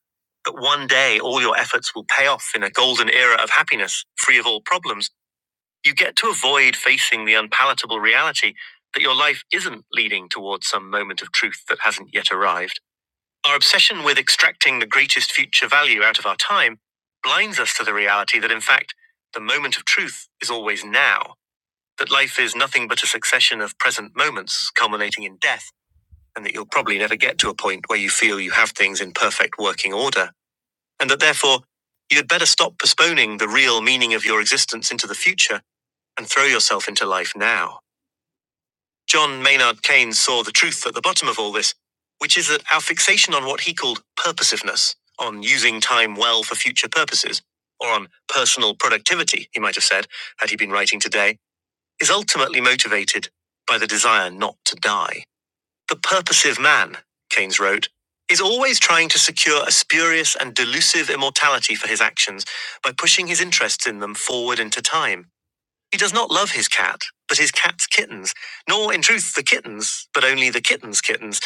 [SPEAKER 1] that one day all your efforts will pay off in a golden era of happiness, free of all problems, you get to avoid facing the unpalatable reality that your life isn't leading towards some moment of truth that hasn't yet arrived. Our obsession with extracting the greatest future value out of our time blinds us to the reality that, in fact, the moment of truth is always now, that life is nothing but a succession of present moments culminating in death and that you'll probably never get to a point where you feel you have things in perfect working order, and that therefore you'd better stop postponing the real meaning of your existence into the future and throw yourself into life now. John Maynard Keynes saw the truth at the bottom of all this, which is that our fixation on what he called purposiveness, on using time well for future purposes, or on personal productivity, he might have said, had he been writing today, is ultimately motivated by the desire not to die. The purposive man, Keynes wrote, is always trying to secure a spurious and delusive immortality for his actions by pushing his interests in them forward into time. He does not love his cat, but his cat's kittens, nor in truth the kittens, but only the kitten's kittens,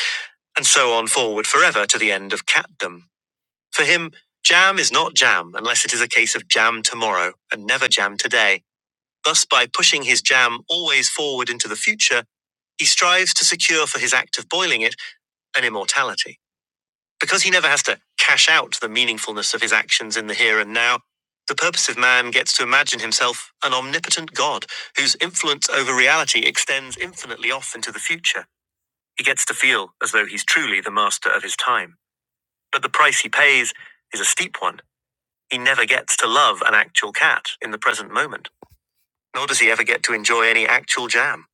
[SPEAKER 1] and so on forward forever to the end of catdom. For him, jam is not jam unless it is a case of jam tomorrow and never jam today. Thus, by pushing his jam always forward into the future, he strives to secure for his act of boiling it and immortality. Because he never has to cash out the meaningfulness of his actions in the here and now, the purposive man gets to imagine himself an omnipotent God whose influence over reality extends infinitely off into the future. He gets to feel as though he's truly the master of his time. But the price he pays is a steep one. He never gets to love an actual cat in the present moment, nor does he ever get to enjoy any actual jam.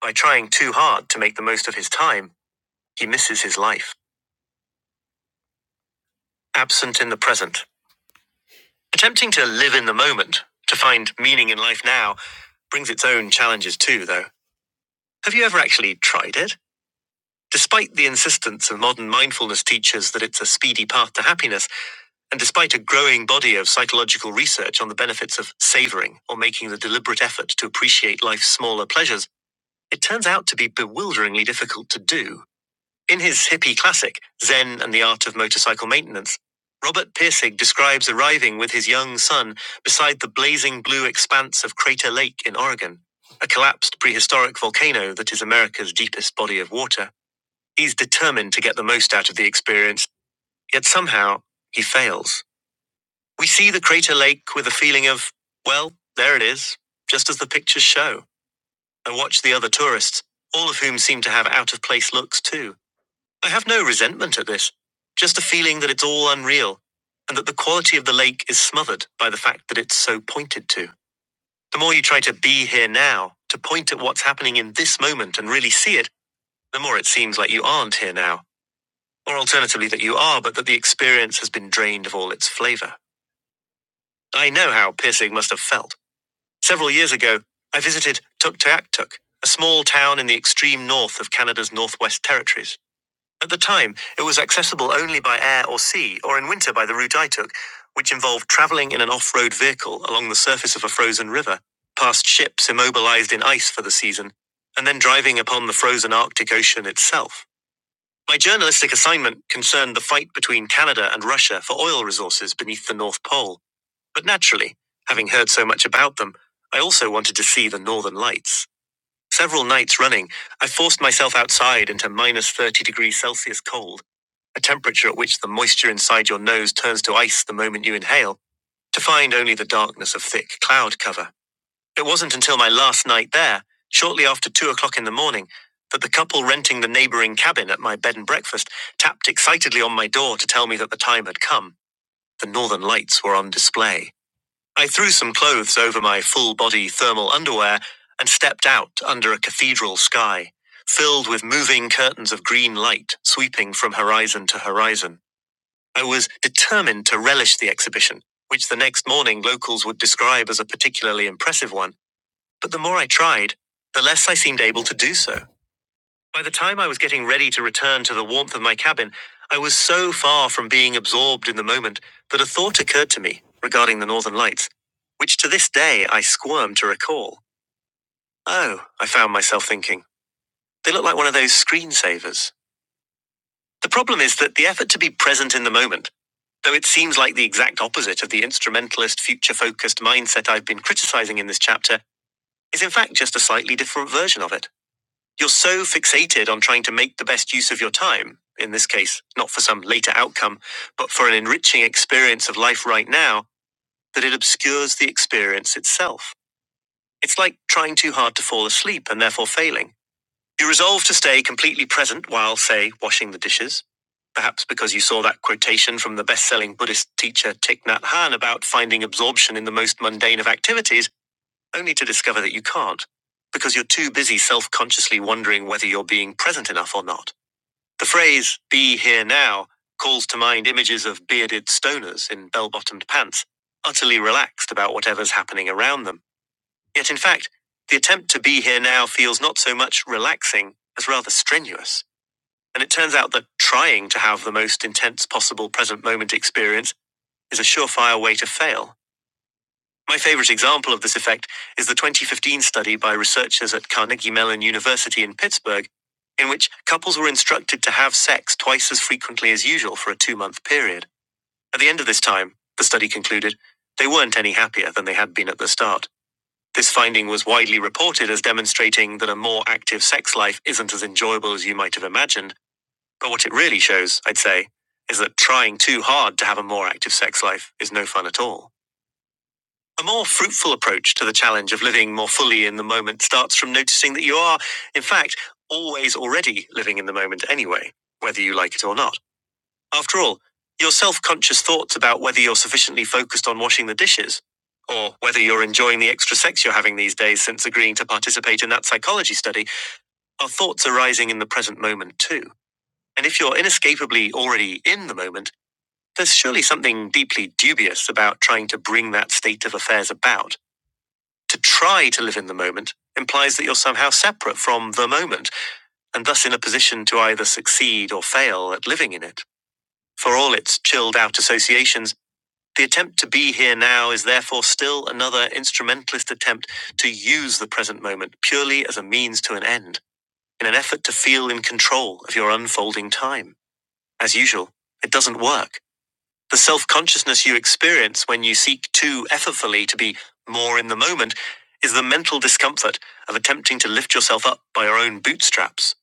[SPEAKER 1] By trying too hard to make the most of his time, he misses his life. Absent in the present, Attempting to live in the moment, to find meaning in life now, brings its own challenges too, though. Have you ever actually tried it? Despite the insistence of modern mindfulness teachers that it's a speedy path to happiness, and despite a growing body of psychological research on the benefits of savoring or making the deliberate effort to appreciate life's smaller pleasures, it turns out to be bewilderingly difficult to do. In his hippie classic, Zen and the Art of Motorcycle Maintenance, Robert Pirsig describes arriving with his young son beside the blazing blue expanse of Crater Lake in Oregon, a collapsed prehistoric volcano that is America's deepest body of water. He's determined to get the most out of the experience, yet somehow he fails. We see the Crater Lake with a feeling of, well, there it is, just as the pictures show. I watch the other tourists, all of whom seem to have out of place looks too I have no resentment at this, just a feeling that it's all unreal, and that the quality of the lake is smothered by the fact that it's so pointed to. The more you try to be here now, to point at what's happening in this moment and really see it, the more it seems like you aren't here now, or alternatively that you are, but that the experience has been drained of all its flavor. I know how Piercing must have felt. Several years ago, I visited Tuktoyaktuk, a small town in the extreme north of Canada's Northwest Territories. At the time, it was accessible only by air or sea, or in winter by the route I took, which involved traveling in an off road vehicle along the surface of a frozen river, past ships immobilized in ice for the season, and then driving upon the frozen Arctic Ocean itself. My journalistic assignment concerned the fight between Canada and Russia for oil resources beneath the North Pole, but naturally, having heard so much about them, I also wanted to see the Northern Lights. Several nights running, I forced myself outside into minus 30 degrees Celsius cold a temperature at which the moisture inside your nose turns to ice the moment you inhale, to find only the darkness of thick cloud cover. It wasn't until my last night there, shortly after two o'clock in the morning, that the couple renting the neighboring cabin at my bed and breakfast tapped excitedly on my door to tell me that the time had come. The northern lights were on display. I threw some clothes over my full body thermal underwear and stepped out under a cathedral sky, filled with moving curtains of green light sweeping from horizon to horizon. I was determined to relish the exhibition, which the next morning locals would describe as a particularly impressive one, but the more I tried, the less I seemed able to do so. By the time I was getting ready to return to the warmth of my cabin, I was so far from being absorbed in the moment that a thought occurred to me regarding the northern lights, which to this day I squirm to recall. Oh, I found myself thinking, they look like one of those screensavers. The problem is that the effort to be present in the moment, though it seems like the exact opposite of the instrumentalist, future focused mindset I've been criticizing in this chapter, is in fact just a slightly different version of it. You're so fixated on trying to make the best use of your time, in this case, not for some later outcome, but for an enriching experience of life right now, that it obscures the experience itself. It's like trying too hard to fall asleep and therefore failing. You resolved to stay completely present while, say, washing the dishes, perhaps because you saw that quotation from the best selling Buddhist teacher Thich Nhat Hanh about finding absorption in the most mundane of activities, only to discover that you can't, because you're too busy self consciously wondering whether you're being present enough or not. The phrase, be here now, calls to mind images of bearded stoners in bell bottomed pants, utterly relaxed about whatever's happening around them Yet, in fact, the attempt to be here now feels not so much relaxing as rather strenuous. And it turns out that trying to have the most intense possible present moment experience is a surefire way to fail. My favorite example of this effect is the 2015 study by researchers at Carnegie Mellon University in Pittsburgh, in which couples were instructed to have sex twice as frequently as usual for a two month period. At the end of this time, the study concluded, they weren't any happier than they had been at the start. This finding was widely reported as demonstrating that a more active sex life isn't as enjoyable as you might have imagined, but what it really shows, I'd say, is that trying too hard to have a more active sex life is no fun at all. A more fruitful approach to the challenge of living more fully in the moment starts from noticing that you are, in fact, always already living in the moment anyway, whether you like it or not. After all, your self conscious thoughts about whether you're sufficiently focused on washing the dishes, or whether you're enjoying the extra sex you're having these days since agreeing to participate in that psychology study, are thoughts arising in the present moment too. And if you're inescapably already in the moment, there's surely something deeply dubious about trying to bring that state of affairs about. To try to live in the moment implies that you're somehow separate from the moment, and thus in a position to either succeed or fail at living in it. For all its chilled out associations, The attempt to be here now is therefore still another instrumentalist attempt to use the present moment purely as a means to an end, in an effort to feel in control of your unfolding time. As usual, it doesn't work. The self consciousness you experience when you seek too effortfully to be more in the moment is the mental discomfort of attempting to lift yourself up by your own bootstraps,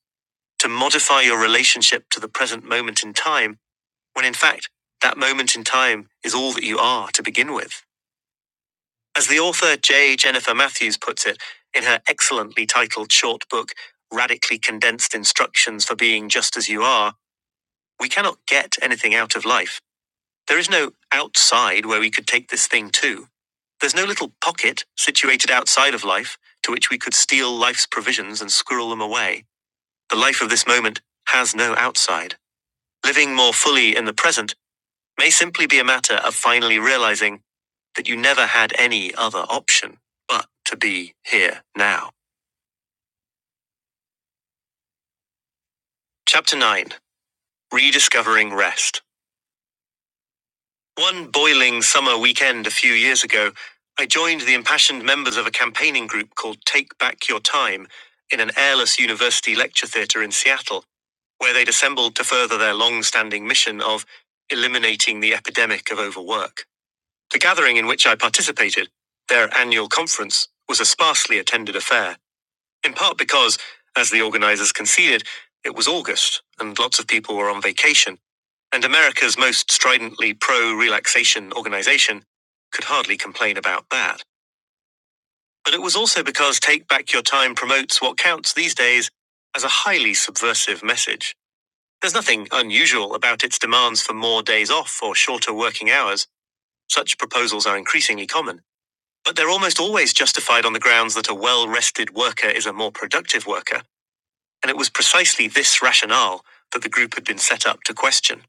[SPEAKER 1] to modify your relationship to the present moment in time, when in fact, that moment in time is all that you are to begin with. As the author J. Jennifer Matthews puts it in her excellently titled short book, Radically Condensed Instructions for Being Just as You Are, we cannot get anything out of life. There is no outside where we could take this thing to. There's no little pocket situated outside of life to which we could steal life's provisions and squirrel them away. The life of this moment has no outside. Living more fully in the present may simply be a matter of finally realizing that you never had any other option but to be here now. Chapter 9 Rediscovering Rest. One boiling summer weekend a few years ago, I joined the impassioned members of a campaigning group called Take Back Your Time in an airless university lecture theatre in Seattle, where they'd assembled to further their long standing mission of eliminating the epidemic of overwork. The gathering in which I participated, their annual conference, was a sparsely attended affair, in part because, as the organizers conceded, it was August and lots of people were on vacation, and America's most stridently pro relaxation organization could hardly complain about that. But it was also because Take Back Your Time promotes what counts these days as a highly subversive message. There's nothing unusual about its demands for more days off or shorter working hours. Such proposals are increasingly common. But they're almost always justified on the grounds that a well rested worker is a more productive worker, and it was precisely this rationale that the group had been set up to question.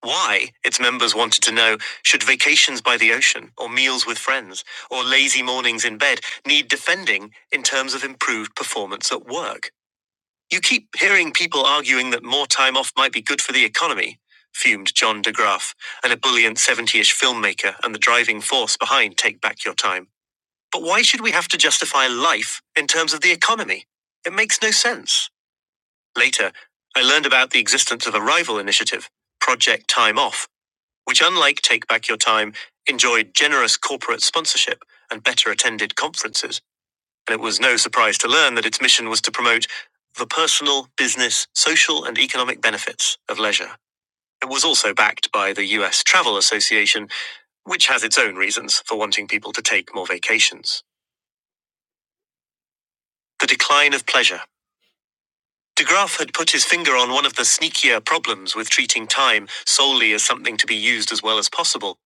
[SPEAKER 1] Why, its members wanted to know, should vacations by the ocean, or meals with friends, or lazy mornings in bed need defending in terms of improved performance at work? You keep hearing people arguing that more time off might be good for the economy, fumed John DeGraff, an ebullient 70 ish filmmaker and the driving force behind Take Back Your Time. But why should we have to justify life in terms of the economy? It makes no sense. Later, I learned about the existence of a rival initiative, Project Time Off, which, unlike Take Back Your Time, enjoyed generous corporate sponsorship and better attended conferences. And it was no surprise to learn that its mission was to promote the personal, business, social, and economic benefits of leisure. It was also backed by the US Travel Association, which has its own reasons for wanting people to take more vacations. The decline of pleasure. De Graaf had put his finger on one of the sneakier problems with treating time solely as something to be used as well as possible,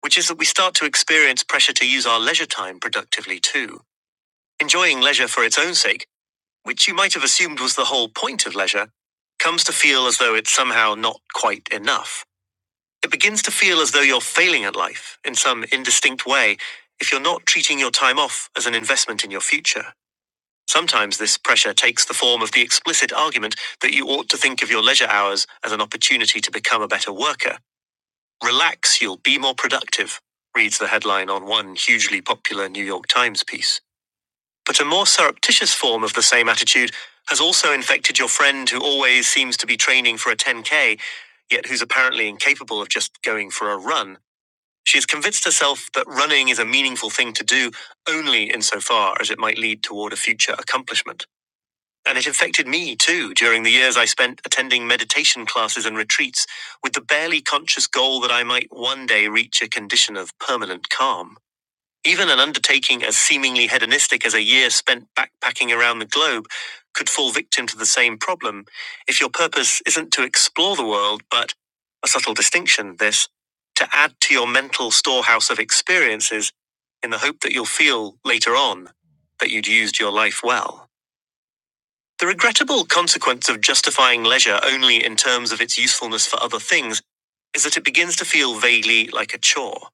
[SPEAKER 1] which is that we start to experience pressure to use our leisure time productively too. Enjoying leisure for its own sake, which you might have assumed was the whole point of leisure, comes to feel as though it's somehow not quite enough. It begins to feel as though you're failing at life in some indistinct way if you're not treating your time off as an investment in your future. Sometimes this pressure takes the form of the explicit argument that you ought to think of your leisure hours as an opportunity to become a better worker. Relax, you'll be more productive, reads the headline on one hugely popular New York Times piece. But a more surreptitious form of the same attitude has also infected your friend who always seems to be training for a 10K, yet who's apparently incapable of just going for a run. She has convinced herself that running is a meaningful thing to do only insofar as it might lead toward a future accomplishment. And it affected me too during the years I spent attending meditation classes and retreats with the barely conscious goal that I might one day reach a condition of permanent calm. Even an undertaking as seemingly hedonistic as a year spent backpacking around the globe could fall victim to the same problem if your purpose isn't to explore the world, but a subtle distinction, this, to add to your mental storehouse of experiences in the hope that you'll feel later on that you'd used your life well. The regrettable consequence of justifying leisure only in terms of its usefulness for other things is that it begins to feel vaguely like a chore.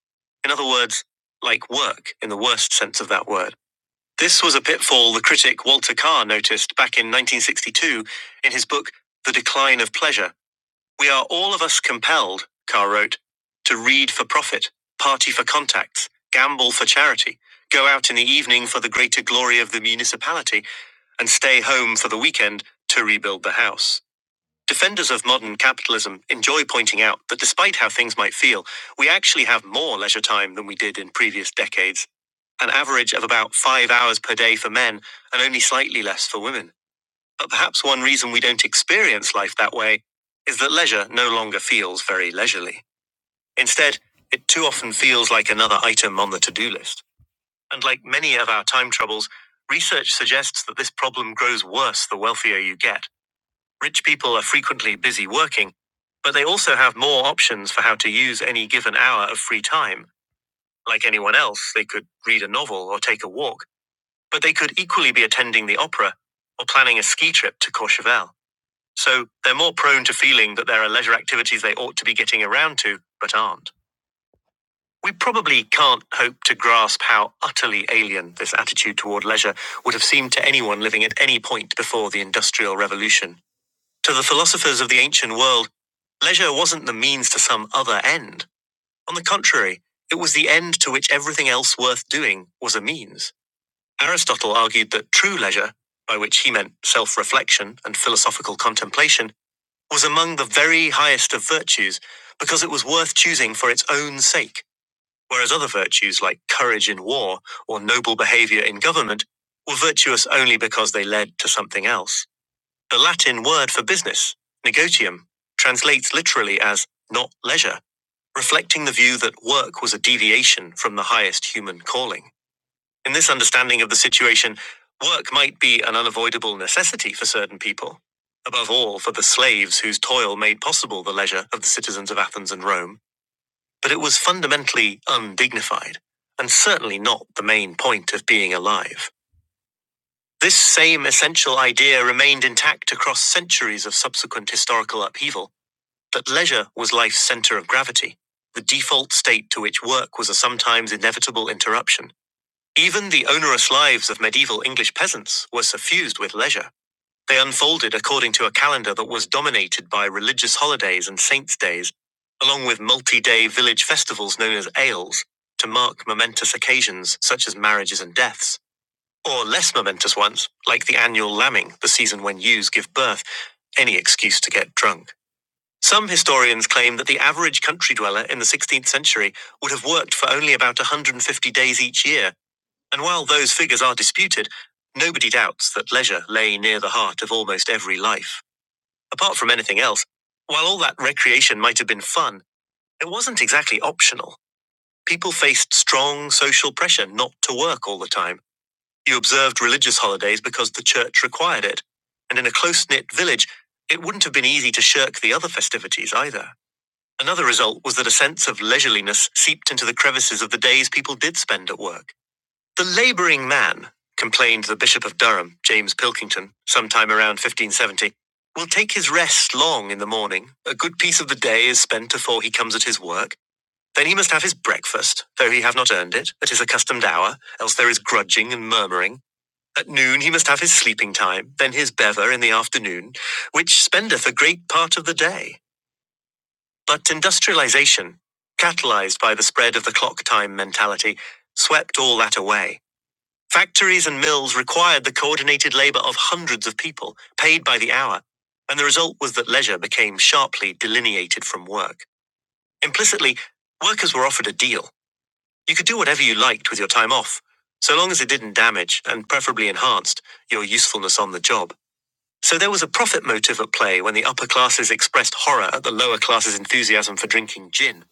[SPEAKER 1] In other words, like work in the worst sense of that word. This was a pitfall the critic Walter Carr noticed back in 1962 in his book The Decline of Pleasure. We are all of us compelled, Carr wrote, to read for profit, party for contacts, gamble for charity, go out in the evening for the greater glory of the municipality, and stay home for the weekend to rebuild the house. Defenders of modern capitalism enjoy pointing out that despite how things might feel, we actually have more leisure time than we did in previous decades. An average of about five hours per day for men and only slightly less for women. But perhaps one reason we don't experience life that way is that leisure no longer feels very leisurely. Instead, it too often feels like another item on the to do list. And like many of our time troubles, research suggests that this problem grows worse the wealthier you get. Rich people are frequently busy working, but they also have more options for how to use any given hour of free time. Like anyone else, they could read a novel or take a walk, but they could equally be attending the opera or planning a ski trip to Courchevel. So they're more prone to feeling that there are leisure activities they ought to be getting around to, but aren't. We probably can't hope to grasp how utterly alien this attitude toward leisure would have seemed to anyone living at any point before the Industrial Revolution. To the philosophers of the ancient world, leisure wasn't the means to some other end. On the contrary, it was the end to which everything else worth doing was a means. Aristotle argued that true leisure, by which he meant self reflection and philosophical contemplation, was among the very highest of virtues because it was worth choosing for its own sake whereas other virtues like courage in war or noble behavior in government were virtuous only because they led to something else. The Latin word for business, negotium, translates literally as not leisure, reflecting the view that work was a deviation from the highest human calling. In this understanding of the situation, work might be an unavoidable necessity for certain people, above all for the slaves whose toil made possible the leisure of the citizens of Athens and Rome but it was fundamentally undignified, and certainly not the main point of being alive. This same essential idea remained intact across centuries of subsequent historical upheaval that leisure was life's center of gravity, the default state to which work was a sometimes inevitable interruption. Even the onerous lives of medieval English peasants were suffused with leisure. They unfolded according to a calendar that was dominated by religious holidays and saints' days, along with multi day village festivals known as ales, to mark momentous occasions such as marriages and deaths, or less momentous ones, like the annual lambing, the season when ewes give birth, any excuse to get drunk. Some historians claim that the average country dweller in the 16th century would have worked for only about 150 days each year and while those figures are disputed, nobody doubts that leisure lay near the heart of almost every life. Apart from anything else, while all that recreation might have been fun, it wasn't exactly optional. People faced strong social pressure not to work all the time. You observed religious holidays because the church required it. And in a close knit village, it wouldn't have been easy to shirk the other festivities either. Another result was that a sense of leisureliness seeped into the crevices of the days people did spend at work. The labouring man, complained the Bishop of Durham, James Pilkington, sometime around 1570, will take his rest long in the morning. A good piece of the day is spent afore he comes at his work. Then he must have his breakfast, though he have not earned it, at his accustomed hour, else there is grudging and murmuring. At noon he must have his sleeping time, then his bever in the afternoon, which spendeth a great part of the day. But industrialization, catalyzed by the spread of the clock time mentality, swept all that away. Factories and mills required the coordinated labor of hundreds of people, paid by the hour, and the result was that leisure became sharply delineated from work. Implicitly, workers were offered a deal. You could do whatever you liked with your time off, so long as it didn't damage, and preferably enhanced, your usefulness on the job. So there was a profit motive at play when the upper classes expressed horror at the lower classes' enthusiasm for drinking gin.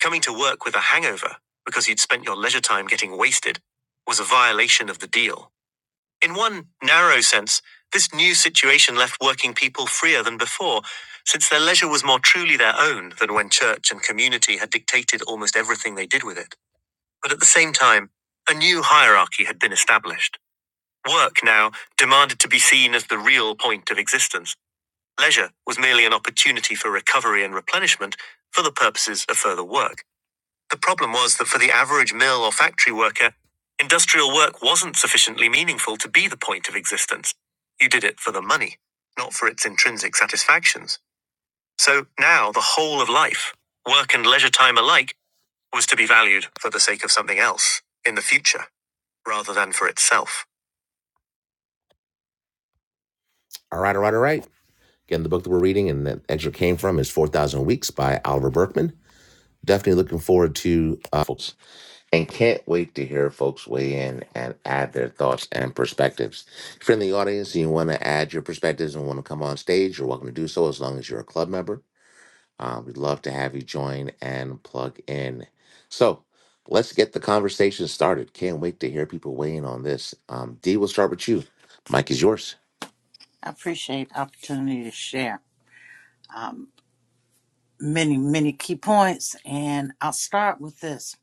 [SPEAKER 1] Coming to work with a hangover, because you'd spent your leisure time getting wasted, was a violation of the deal. In one narrow sense, this new situation left working people freer than before, since their leisure was more truly their own than when church and community had dictated almost everything they did with it. But at the same time, a new hierarchy had been established. Work now demanded to be seen as the real point of existence. Leisure was merely an opportunity for recovery and replenishment for the purposes of further work. The problem was that for the average mill or factory worker, industrial work wasn't sufficiently meaningful to be the point of existence. You did it for the money, not for its intrinsic satisfactions. So now the whole of life, work and leisure time alike, was to be valued for the sake of something else in the future rather than for itself. All right, all right, all right. Again, the book that we're reading and the excerpt came from is 4,000 Weeks by Oliver Berkman. Definitely looking forward to uh, folks. and can't wait to hear folks weigh in and add their thoughts and perspectives. If you're in the audience and you want to add your perspectives and want to come on stage, you're welcome to do so as long as you're a club member. Uh, we'd love to have you join and plug in. So let's get the conversation started. Can't wait to hear people weigh in on this. Um, D, we'll start with you. Mike is yours.
[SPEAKER 2] I appreciate the opportunity to share um, many, many key points, and I'll start with this.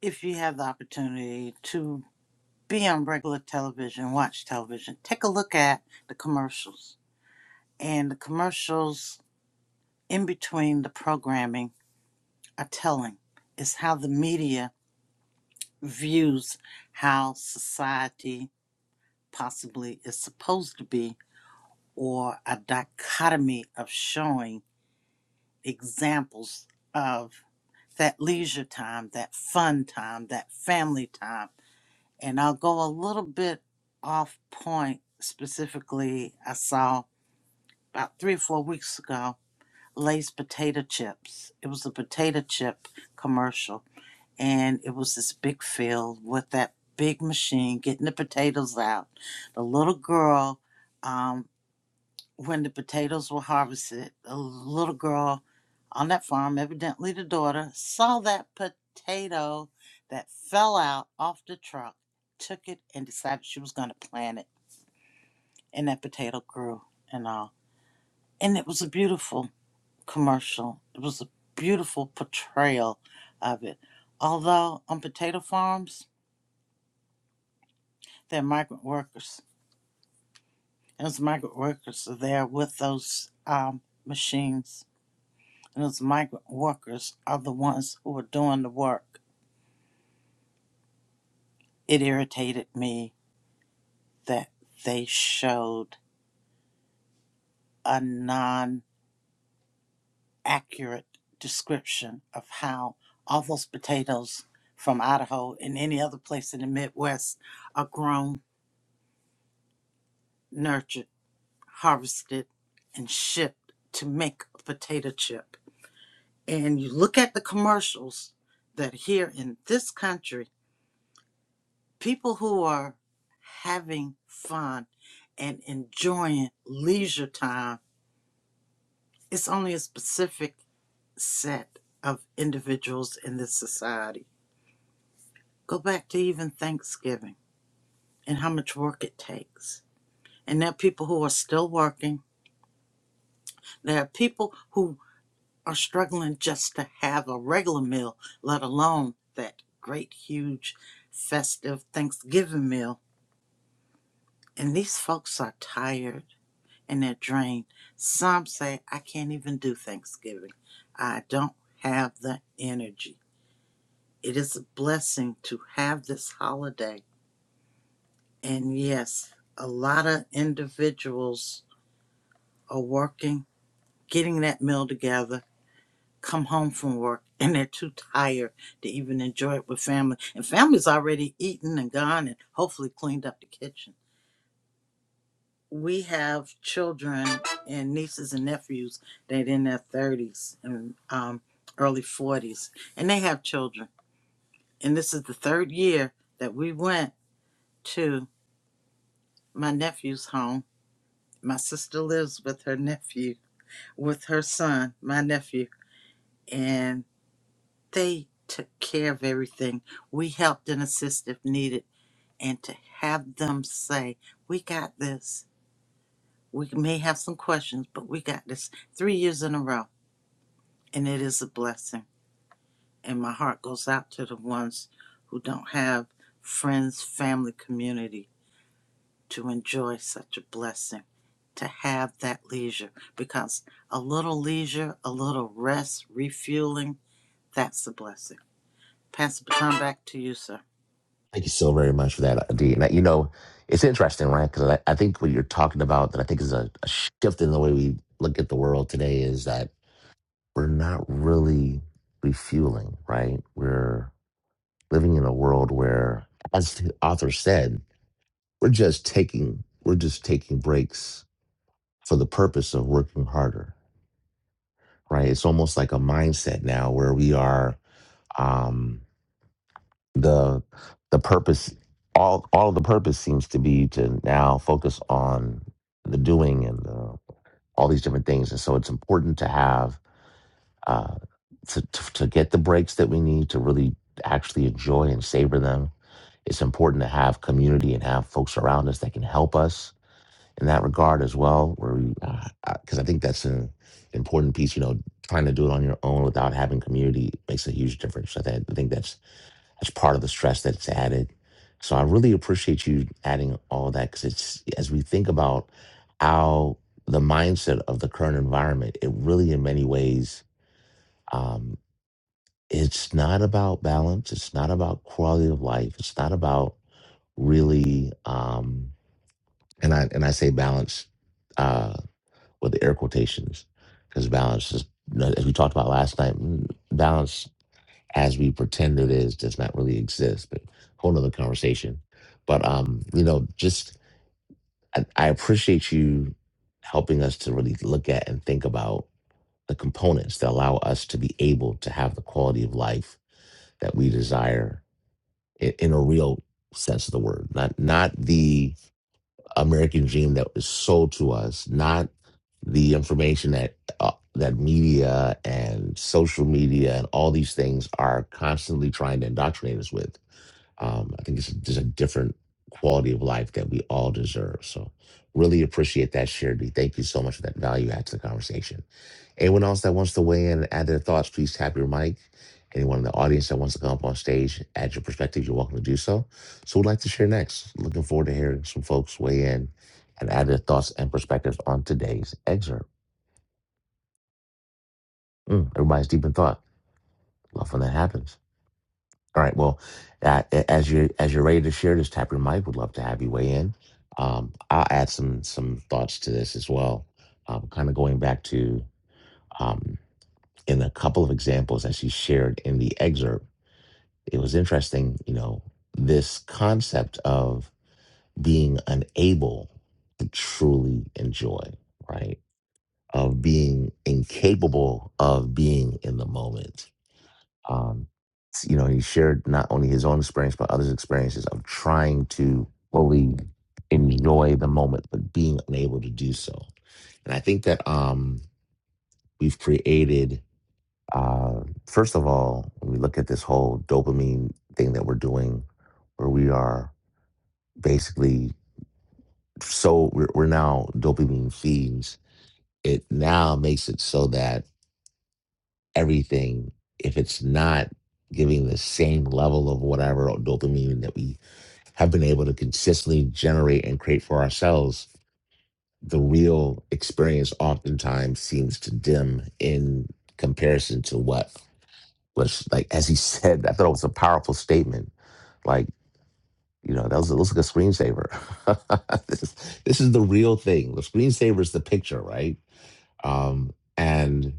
[SPEAKER 2] If you have the opportunity to be on regular television, watch television, take a look at the commercials. And the commercials in between the programming are telling. It's how the media views how society possibly is supposed to be, or a dichotomy of showing examples of that leisure time, that fun time, that family time. And I'll go a little bit off point specifically. I saw about three or four weeks ago Lay's potato chips. It was a potato chip commercial and it was this big field with that big machine getting the potatoes out. The little girl, um, when the potatoes were harvested, the little girl on that farm, evidently the daughter, saw that potato that fell out off the truck, took it, and decided she was going to plant it. And that potato grew and all. And it was a beautiful commercial. It was a beautiful portrayal of it. Although on potato farms, They're migrant workers. And those migrant workers are there with those um, machines. And those migrant workers are the ones who are doing the work. It irritated me that they showed a non accurate description of how all those potatoes from Idaho and any other place in the Midwest are grown, nurtured, harvested, and shipped to make a potato chip and you look at the commercials that are here in this country, people who are having fun and enjoying leisure time, it's only a specific set of individuals in this society. Go back to even Thanksgiving and how much work it takes. And there are people who are still working. There are people who are struggling just to have a regular meal, let alone that great, huge, festive Thanksgiving meal. And these folks are tired and they're drained. Some say, I can't even do Thanksgiving. I don't have the energy. It is a blessing to have this holiday. And yes, a lot of individuals are working, getting that meal together, come home from work <laughs> and they're too tired to even enjoy it with family. And family's already eaten and gone and hopefully cleaned up the kitchen. We have children and nieces and nephews that are in their 30s and um, early 40s, and they have children. And this is the third year that we went to my nephew's home. My sister lives with her nephew, with her son, my nephew. And they took care of everything. We helped and assisted if needed. And to have them say, We got this. We may have some questions, but we got this three years in a row. And it is a blessing. And my heart goes out to the ones who don't have friends, family, community to enjoy such a blessing, to have that leisure. Because a little leisure, a little rest, refueling, that's a blessing. Pass the baton back to you, sir.
[SPEAKER 1] Thank you so very much for that, D. Now, you know, it's interesting, right? Because I, I think what you're talking about that I think is a, a shift in the way we look at the world today is that we're not really refueling, right? We're living in a world where, as the author said, we're just taking we're just taking breaks for the purpose of working harder, right? It's almost like a mindset now where we are um, the the purpose all all the purpose seems to be to now focus on the doing and the, all these different things, and so it's important to have uh, to, to to get the breaks that we need to really actually enjoy and savor them. It's important to have community and have folks around us that can help us in that regard as well. Where we, because I think that's an important piece. You know, trying to do it on your own without having community makes a huge difference. So that I think that's that's part of the stress that's added. So I really appreciate you adding all that because it's as we think about how the mindset of the current environment, it really in many ways. Um, it's not about balance. It's not about quality of life. It's not about really, um, and I and I say balance uh, with the air quotations because balance is, you know, as we talked about last night, mm, balance as we pretend it is does not really exist. But whole nother conversation. But um, you know, just I, I appreciate you helping us to really look at and think about the components that allow us to be able to have the quality of life that we desire in, in a real sense of the word, not not the American dream that was sold to us, not the information that uh, that media and social media and all these things are constantly trying to indoctrinate us with. Um, I think it's just a different quality of life that we all deserve. So, really appreciate that, Sherry. Thank you so much for that value add to the conversation. Anyone else that wants to weigh in and add their thoughts, please tap your mic. Anyone in the audience that wants to come up on stage, add your perspective, you're welcome to do so. So, we'd like to share next. Looking forward to hearing some folks weigh in and add their thoughts and perspectives on today's excerpt. Mm, everybody's deep in thought. Love when that happens. All right. Well, uh, a- as you as you're ready to share this, tap your mic. Would love to have you weigh in. Um, I'll add some some thoughts to this as well. Um, kind of going back to um, in a couple of examples that she shared in the excerpt, it was interesting. You know, this concept of being unable to truly enjoy, right? Of being incapable of being in the moment um, s- you know, he shared not only his own experience, but others' experiences of trying to fully enjoy the moment, but being unable to do so. And I think that um, we've created, uh, first of all, when we look at this whole dopamine thing that we're doing, where we are basically so we're, we're now dopamine fiends, it now makes it so that everything if it's not giving the same level of whatever dopamine that we have been able to consistently generate and create for ourselves the real experience oftentimes seems to dim in comparison to what was like as he <laughs> said i thought it was a powerful statement like you know that was it looks like a screensaver <laughs> this, is, this is the real thing the screensaver is the picture right um and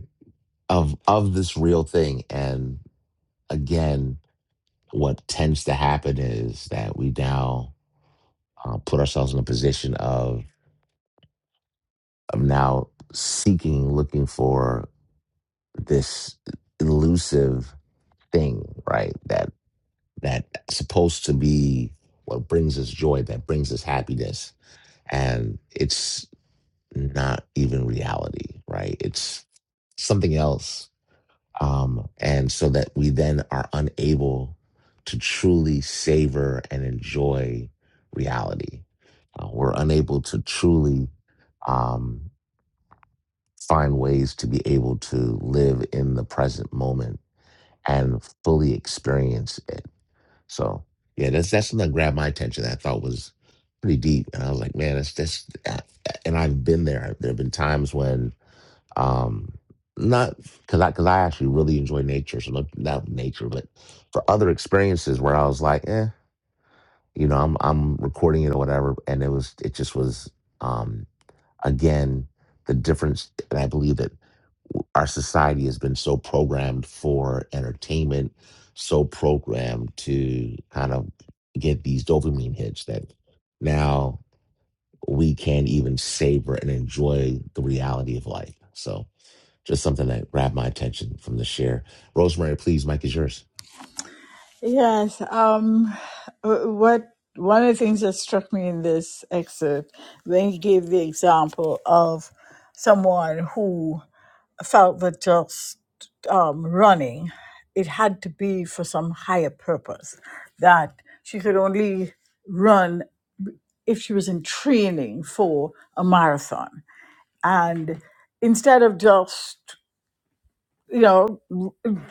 [SPEAKER 1] of of this real thing and again what tends to happen is that we now uh, put ourselves in a position of, of now seeking, looking for this elusive thing, right? That that supposed to be what brings us joy, that brings us happiness, and it's not even reality, right? It's something else um, and so that we then are unable to truly savor and enjoy reality. Uh, we're unable to truly um, find ways to be able to live in the present moment and fully experience it. So, yeah, that's that's something that grabbed my attention. That I thought was pretty deep, and I was like, man, that's that's. uh, And I've been there. There have been times when um not because I, cause I actually really enjoy nature so not, not nature but for other experiences where i was like eh you know i'm i'm recording it or whatever and it was it just was um again the difference and i believe that w- our society has been so programmed for entertainment so programmed to kind of get these dopamine hits that now we can't even savor and enjoy the reality of life so just something that grabbed my attention from the share. Rosemary, please, Mike is yours.
[SPEAKER 5] Yes, um, w- what one of the things that struck me in this excerpt when he gave the example of someone who felt that just um, running, it had to be for some higher purpose, that she could only run if she was in training for a marathon and instead of just you know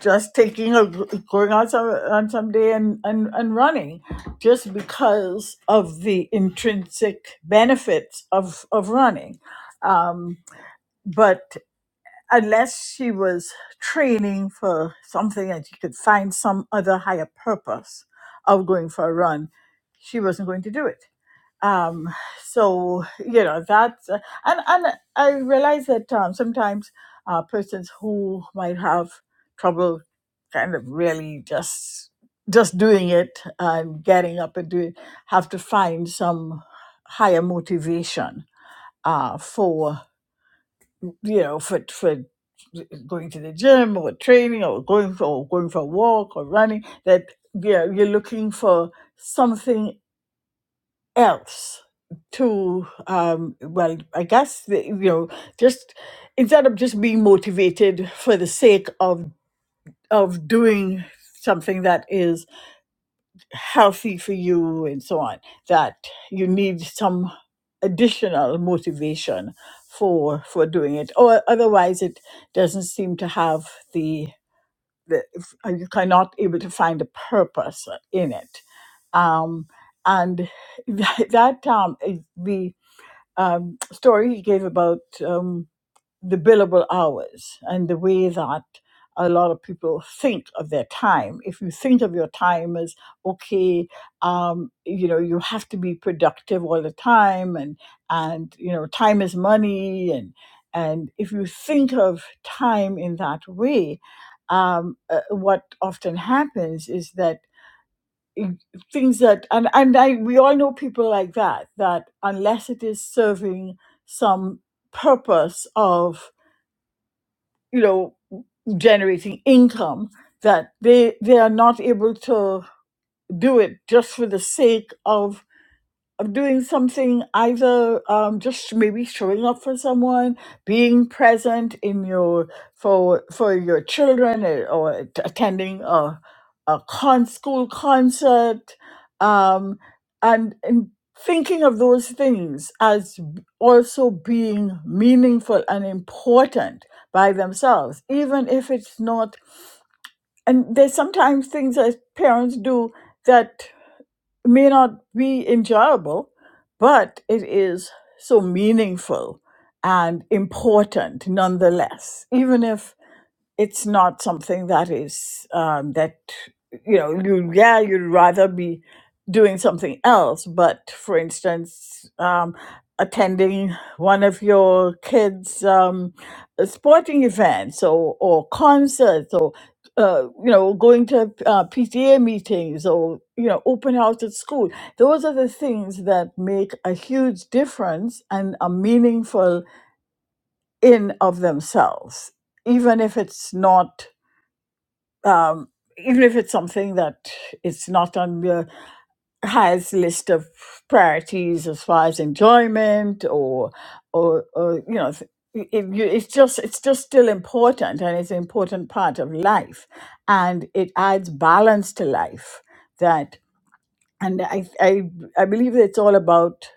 [SPEAKER 5] just taking a going on some on some day and, and and running just because of the intrinsic benefits of of running but unless she was training for something and she could find some other higher purpose of going for a run she wasn't going to do it um so you know that's uh, and and i realize that um, sometimes uh persons who might have trouble kind of really just just doing it and getting up and doing have to find some higher motivation uh for you know for for going to the gym or training or going for or going for a walk or running that yeah you're looking for something else to um well i guess the- you know just instead of just being motivated for the sake of of doing something that is healthy for you and so on that you need some additional motivation for for doing it or otherwise it doesn't seem to have the the if- uh, you cannot able to find a purpose in it um and <laughs> that that um the um, story he gave about um, the billable hours and the way that a lot of people think of their time. If you think of your time as okay, um, you know you have to be productive all the time, and and you know time is money, and and if you think of time in that way, um, uh, what often happens is that things that and and I we all know people like that that unless it is serving some purpose of you know generating income that they they are not able to do it just for the sake of of doing something either um, just maybe showing up for someone being present in your for for your children eh, or t- attending a, a con school concert um, and, and thinking of those things as b- also being meaningful and important by themselves even if it's not and there's sometimes things that parents do that may not be enjoyable, but it is so meaningful and important nonetheless, even if it's not something that is um, that you know you yeah you'd rather be doing something else but for instance um, attending one of your kids um, sporting events or, or concerts or uh, you know going to uh, pta meetings or you know open house at school those are the things that make a huge difference and are meaningful in of themselves even if it's not um, even if it's something that it's not on your highest list of priorities as far as enjoyment or or, or you know th- it, you- it's just it's just still important and it's an important part of life and it adds balance to life that and i i, I believe that it's all about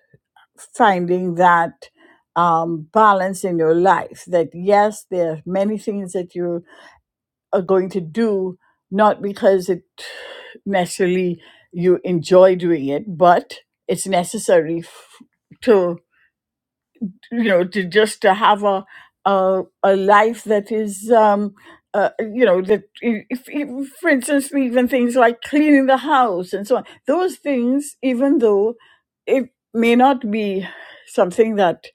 [SPEAKER 5] finding that um, balance in your life that yes there are many things that you are going to do, not because it necessarily you enjoy doing it, but it's necessary f- to you know to just to have a a, a life that is um uh, you know that i- if, if for instance even things like cleaning the house and so on those things even though it may not be something that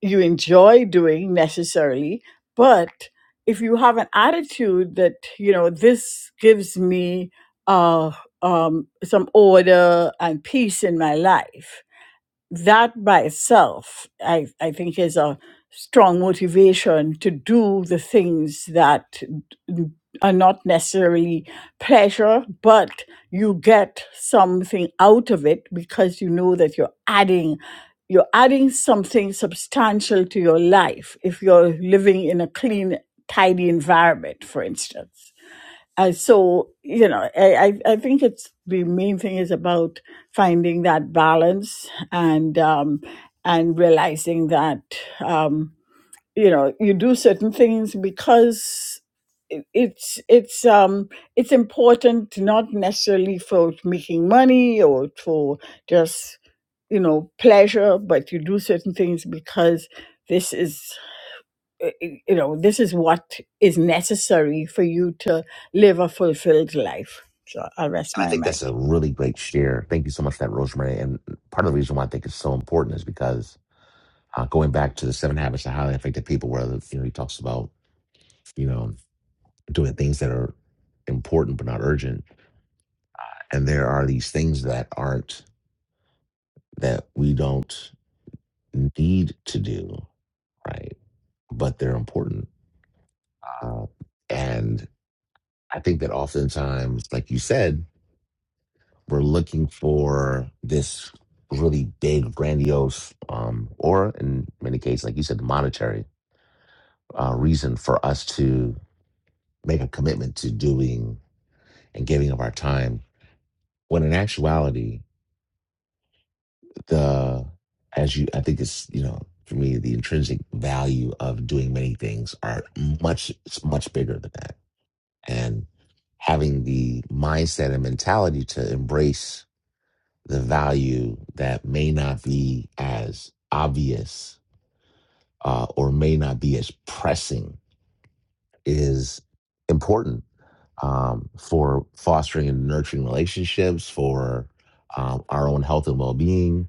[SPEAKER 5] you enjoy doing necessarily but if you have an attitude that you know this gives me uh um some order and peace in my life that by itself, I, I think, is a strong motivation to do the things that n- are not necessarily pleasure, but you get something out of it because you know that you're adding. You're adding something substantial to your life if you're living in a clean, tidy environment, for instance. Uh, so you know, I, I I think it's the main thing is about finding that balance and um, and realizing that um, you know you do certain things because it- it's it's um it's important not necessarily for making money or for just you know pleasure, but you do certain things because this is uh, you know, this is what is necessary for you to live a fulfilled life. So I'll rest
[SPEAKER 1] And I
[SPEAKER 5] my
[SPEAKER 1] think that's
[SPEAKER 5] mic.
[SPEAKER 1] a really great share. Thank you so much for that, Rosemary. And part of the reason why I think it's so important is because uh, going back to the seven habits of highly effective people, where you know he talks about you know doing things that are important but not urgent, and there are these things that aren't that we don't need to do, right? But they're important. Uh, and I think that oftentimes, like you said, we're looking for this really big, grandiose, um, or in many cases, like you said, monetary uh, reason for us to make a commitment to doing and giving of our time. When in actuality, the as you, I think it's you know for me the intrinsic value of doing many things are much it's much bigger than that, and having the mindset and mentality to embrace the value that may not be as obvious uh, or may not be as pressing is important um, for fostering and nurturing relationships, for um, our own health and well being.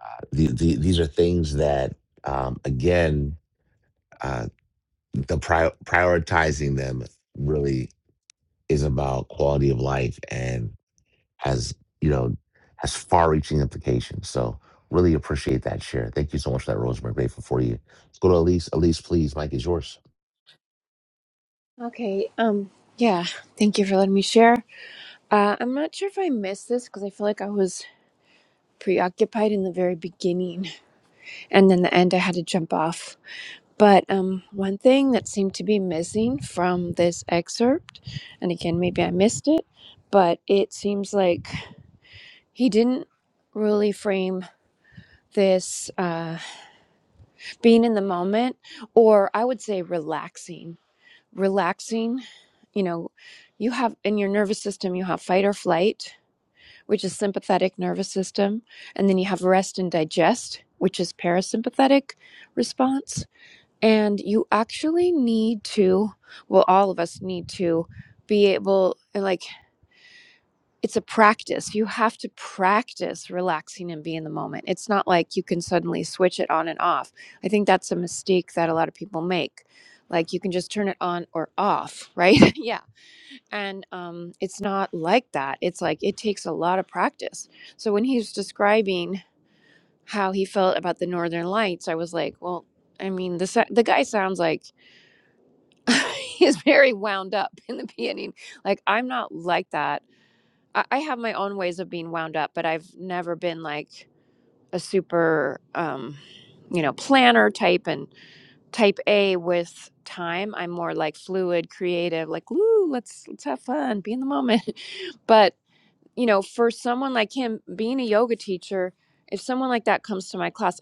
[SPEAKER 1] Uh, the, the, these are things that, um, again, uh, the pri- prioritizing them really is about quality of life. And has you know has far-reaching implications. So really appreciate that share. Thank you so much for that, Rosemary. Grateful for you. Let's go to Elise. Elise, please. Mike is yours.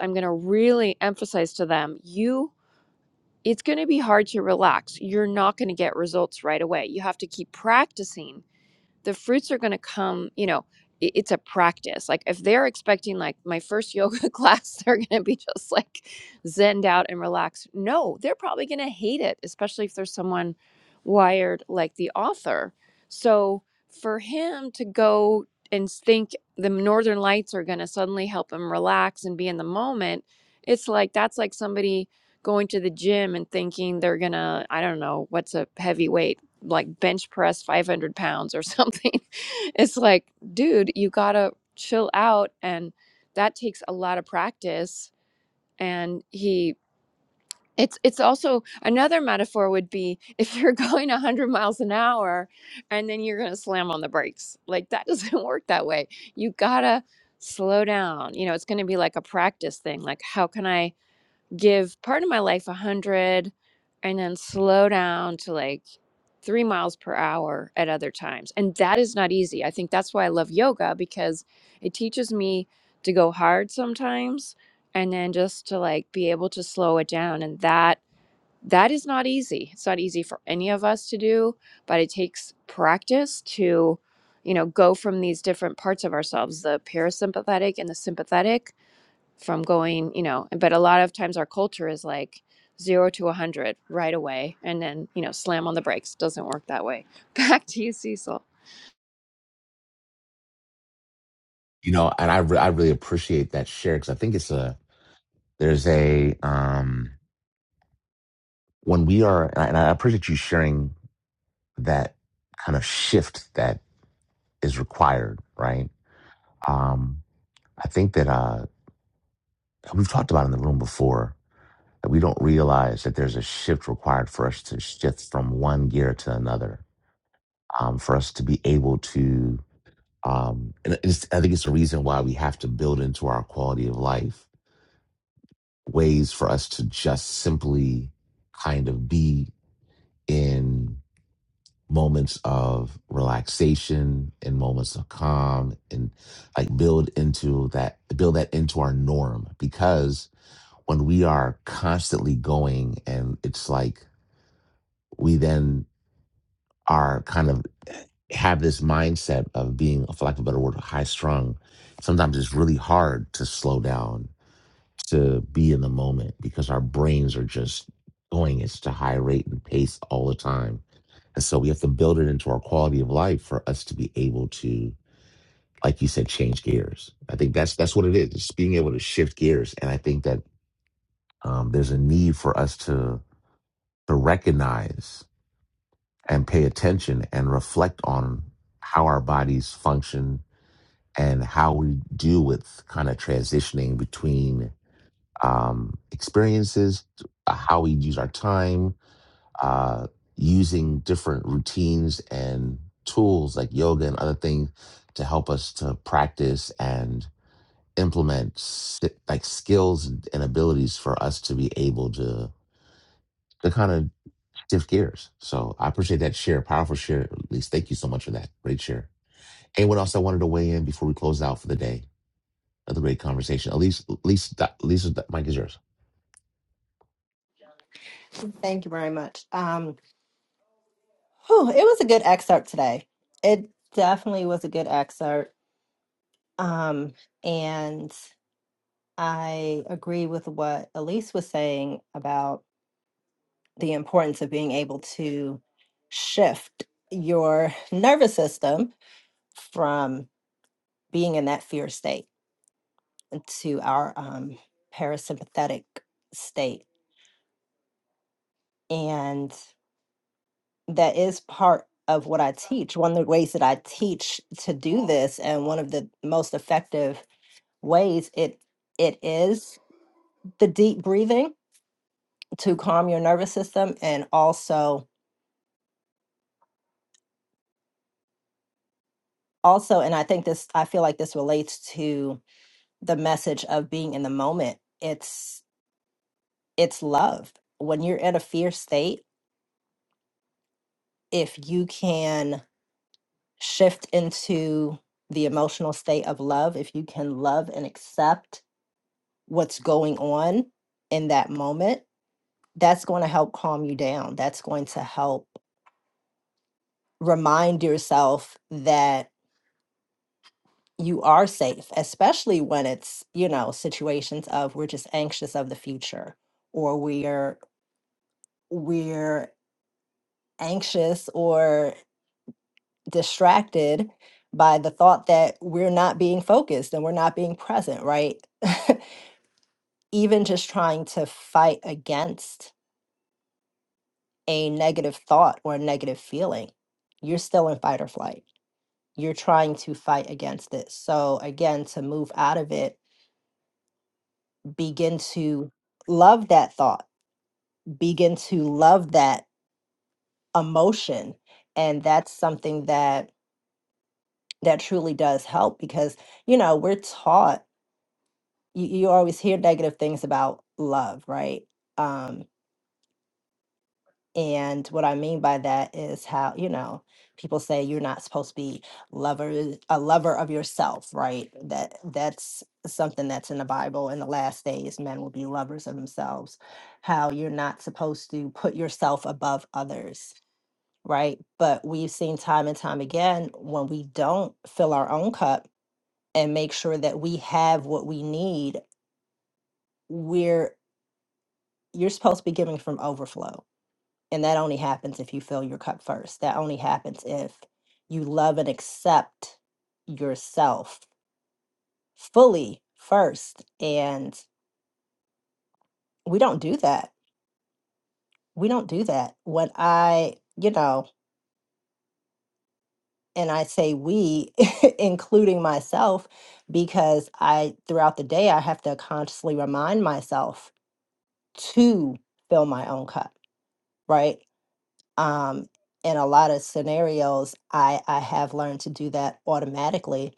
[SPEAKER 10] I'm going to really emphasize to them you it's going to be hard to relax. You're not going to get results right away. You have to keep practicing. The fruits are going to come, you know, i- it's a practice. Like if they're expecting like my first yoga <laughs> class they're going to be just like zenned out and relaxed. No, they're probably going to hate it, especially if there's someone wired like the author. So for him to go and think the northern lights are going to suddenly help him relax and be in the moment, it's like that's like somebody going to the gym and thinking they're going to, I don't know, what's a heavy weight, like bench press 500 pounds or something. <laughs> it's like, dude, you got to chill out. And that takes a lot of practice. And he it's it's also another metaphor would be <laughs> if you're going 100 miles an hour and then you're going to slam on the brakes. Like that doesn't <laughs> work that way. You got to slow down. You know, it's going to be like a practice thing. Like how can I give part of my life 100 and then slow down to like 3 miles per hour at other times. And that is not easy. I think that's why I love yoga because it teaches me to go hard sometimes and then just to like be able to slow it down and that that is not easy. It's not easy for any of us to do.
[SPEAKER 1] You know, and I re- I really appreciate that share because I think it's a there's a um when we are and I, and I appreciate you sharing that kind of shift that is required, right? Um, I think that uh we've talked about in the room before that we don't realize that there's a shift required for us to shift from one gear to another um, for us to be able to. Um, and it's, I think it's the reason why we have to build into our quality of life ways for us to just simply kind of be in moments of relaxation, in moments of calm, and like build into that, build that into our norm. Because when we are constantly going and it's like we then are kind of have this mindset of being, for lack of a better word, high strung, sometimes it's really hard to slow down, to be in the moment because our brains are just going at such a high rate and pace all the time. And so we have to build it into our quality of life for us to be able to, like you said, change gears. I think that's that's what it is. It's being able to shift gears. And I think that um, there's a need for us to to recognize and pay attention and reflect on how our bodies function and how we deal with kind of transitioning between um, experiences, uh, how we use our time, uh, using different routines and tools like yoga and other things to help us to practice and implement s- like skills and abilities for us to be able to to kind of shift gears. So I appreciate that share, powerful share. At least thank you so much for that. Great share. Anyone else that wanted to weigh in before we close out for the day? Another great conversation. At least, at least, that, at least that mic is yours.
[SPEAKER 6] Thank you very much. Um, whew, it was a good excerpt today. It definitely was a good excerpt. Um, and I agree with what Elise was saying about the importance of being able to shift your <laughs> nervous system from being in that fear state to our um, parasympathetic state. And that is part of what I teach. One of the ways that I teach to do this, and one of the most effective ways it it is the deep breathing to calm your nervous system and also also and i think this i feel like this relates to the message of being in the moment it's it's love when you're in a fear state if you can shift into the emotional state of love if you can love and accept what's going on in that moment that's going to help calm you down that's going to help remind yourself that. you are safe, especially when it's, you know, situations of we're just anxious of the future or we're we're anxious or distracted by the thought that we're not being focused and we're not being present, right? <laughs> Even just trying to fight against a negative thought or a negative feeling, you're still in fight or flight. You're trying to fight against it. So again, to move out of it, begin to love that thought begin to love that emotion and that's something that that truly does help because you know we're taught you, you always hear negative things about love right um and what i mean by that is how you know people say you're not supposed to be lover a lover of yourself right that that's something that's in the bible in the last days men will be lovers of themselves how you're not supposed to put yourself above others right? But we've seen time and time again when we don't fill our own cup and make sure that we have what we need, we're you're supposed to be giving from overflow. And that only happens if you fill your cup first. That only happens if you love and accept yourself fully first. And we don't do that. We don't do that. When I, you know, and I say we, <laughs> including myself, because I throughout the day I have to consciously remind myself to fill my own cup, right? Um, in a lot of scenarios, I I have learned to do that automatically,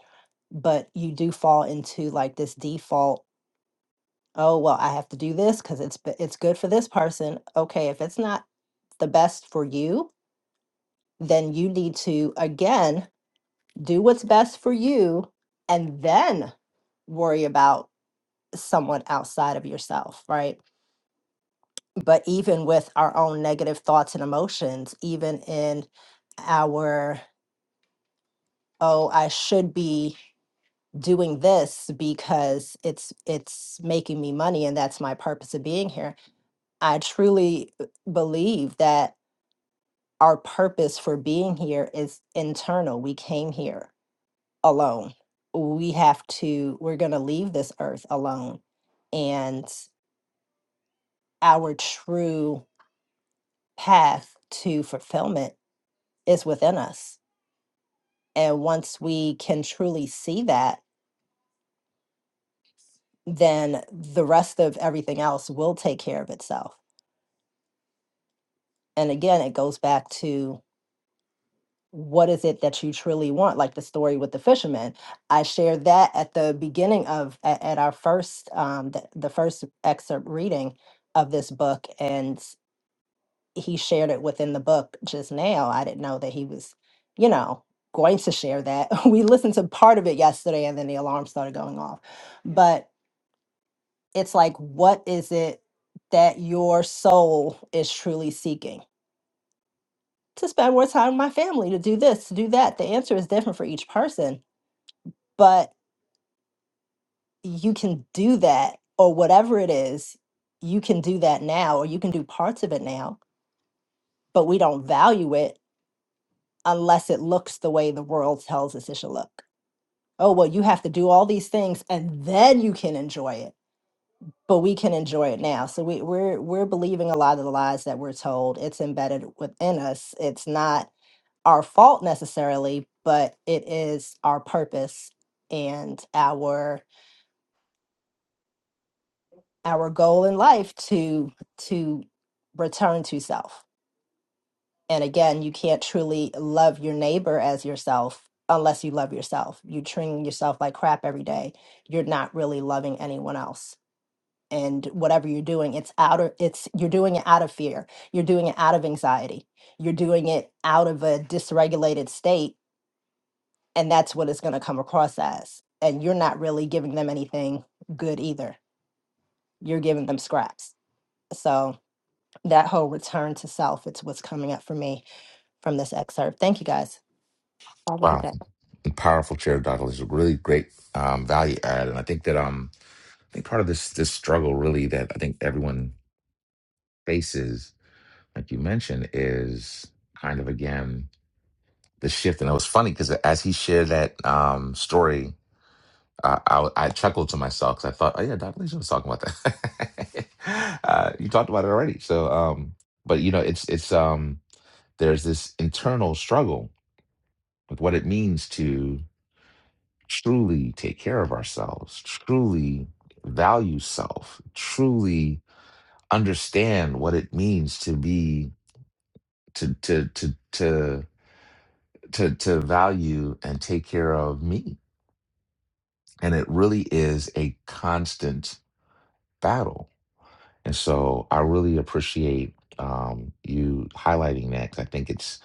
[SPEAKER 6] but you do fall into like this default. Oh well, I have to do this because it's b- it's good for this person. Okay, if it's not the best for you, then you need to again do what's best for you and then worry about someone outside of yourself, right? But even with our own negative thoughts and emotions, even in our oh, I should be doing this because it's it's making me money and that's my purpose of being here. I truly b- believe that our purpose for being here is internal. We came here alone. We have to, we're going to leave this earth alone. And our true path to fulfillment is within us. And once we can truly see that, then the rest of everything else will take care of itself. And again, it goes back to what is it that you truly want? Like the story with the fisherman. I shared that at the beginning of, at, at our first, um, the, the first excerpt reading of this book. And he shared it within the book just now. I didn't know that he was, you know, going to share that. <laughs> We listened to part of it yesterday and then the alarm started going off. But it's like, what is it that your soul is truly seeking? To spend more time with my family, to do this, to do that. The answer is different for each person, but you can do that or whatever it is, you can do that now or you can do parts of it now, but we don't value it unless it looks the way the world tells us it should look. Oh, well, you have to do all these things and then you can enjoy it. But we can enjoy it now. So we, we're we're believing a lot of the lies that we're told. It's embedded within us. It's not our fault necessarily, but it is our purpose and our our goal in life to to return to self And again, you can't truly love your neighbor as yourself unless you love yourself. You're treating yourself like crap every day. You're not really loving anyone else. And whatever you're doing, it's out of it's you're doing it out of fear. You're doing it out of anxiety. You're doing it out of a dysregulated state. And that's what it's gonna come across as. And you're not really giving them anything good either. You're giving them scraps. So that whole return to self, it's what's coming up for me from this excerpt. Thank you guys. Have a good
[SPEAKER 1] Wow,
[SPEAKER 6] day.
[SPEAKER 1] powerful chair, Doctor. This is a really great um, value add, and I think that um, I think part of this this struggle really that I think everyone faces, like you mentioned, is kind of again the shift. And it was funny because as he shared that um, story I, I, I chuckled to myself because I thought, oh yeah, Dr. Lisa was talking about that. <laughs> uh, you talked about it already. So, um, but you know, it's it's um, there's this internal struggle with what it means to truly take care of ourselves, truly value self, truly understand what it means to be to to to to to to value and take care of me. And it really is a constant battle And so I really appreciate um, you highlighting that because I think it's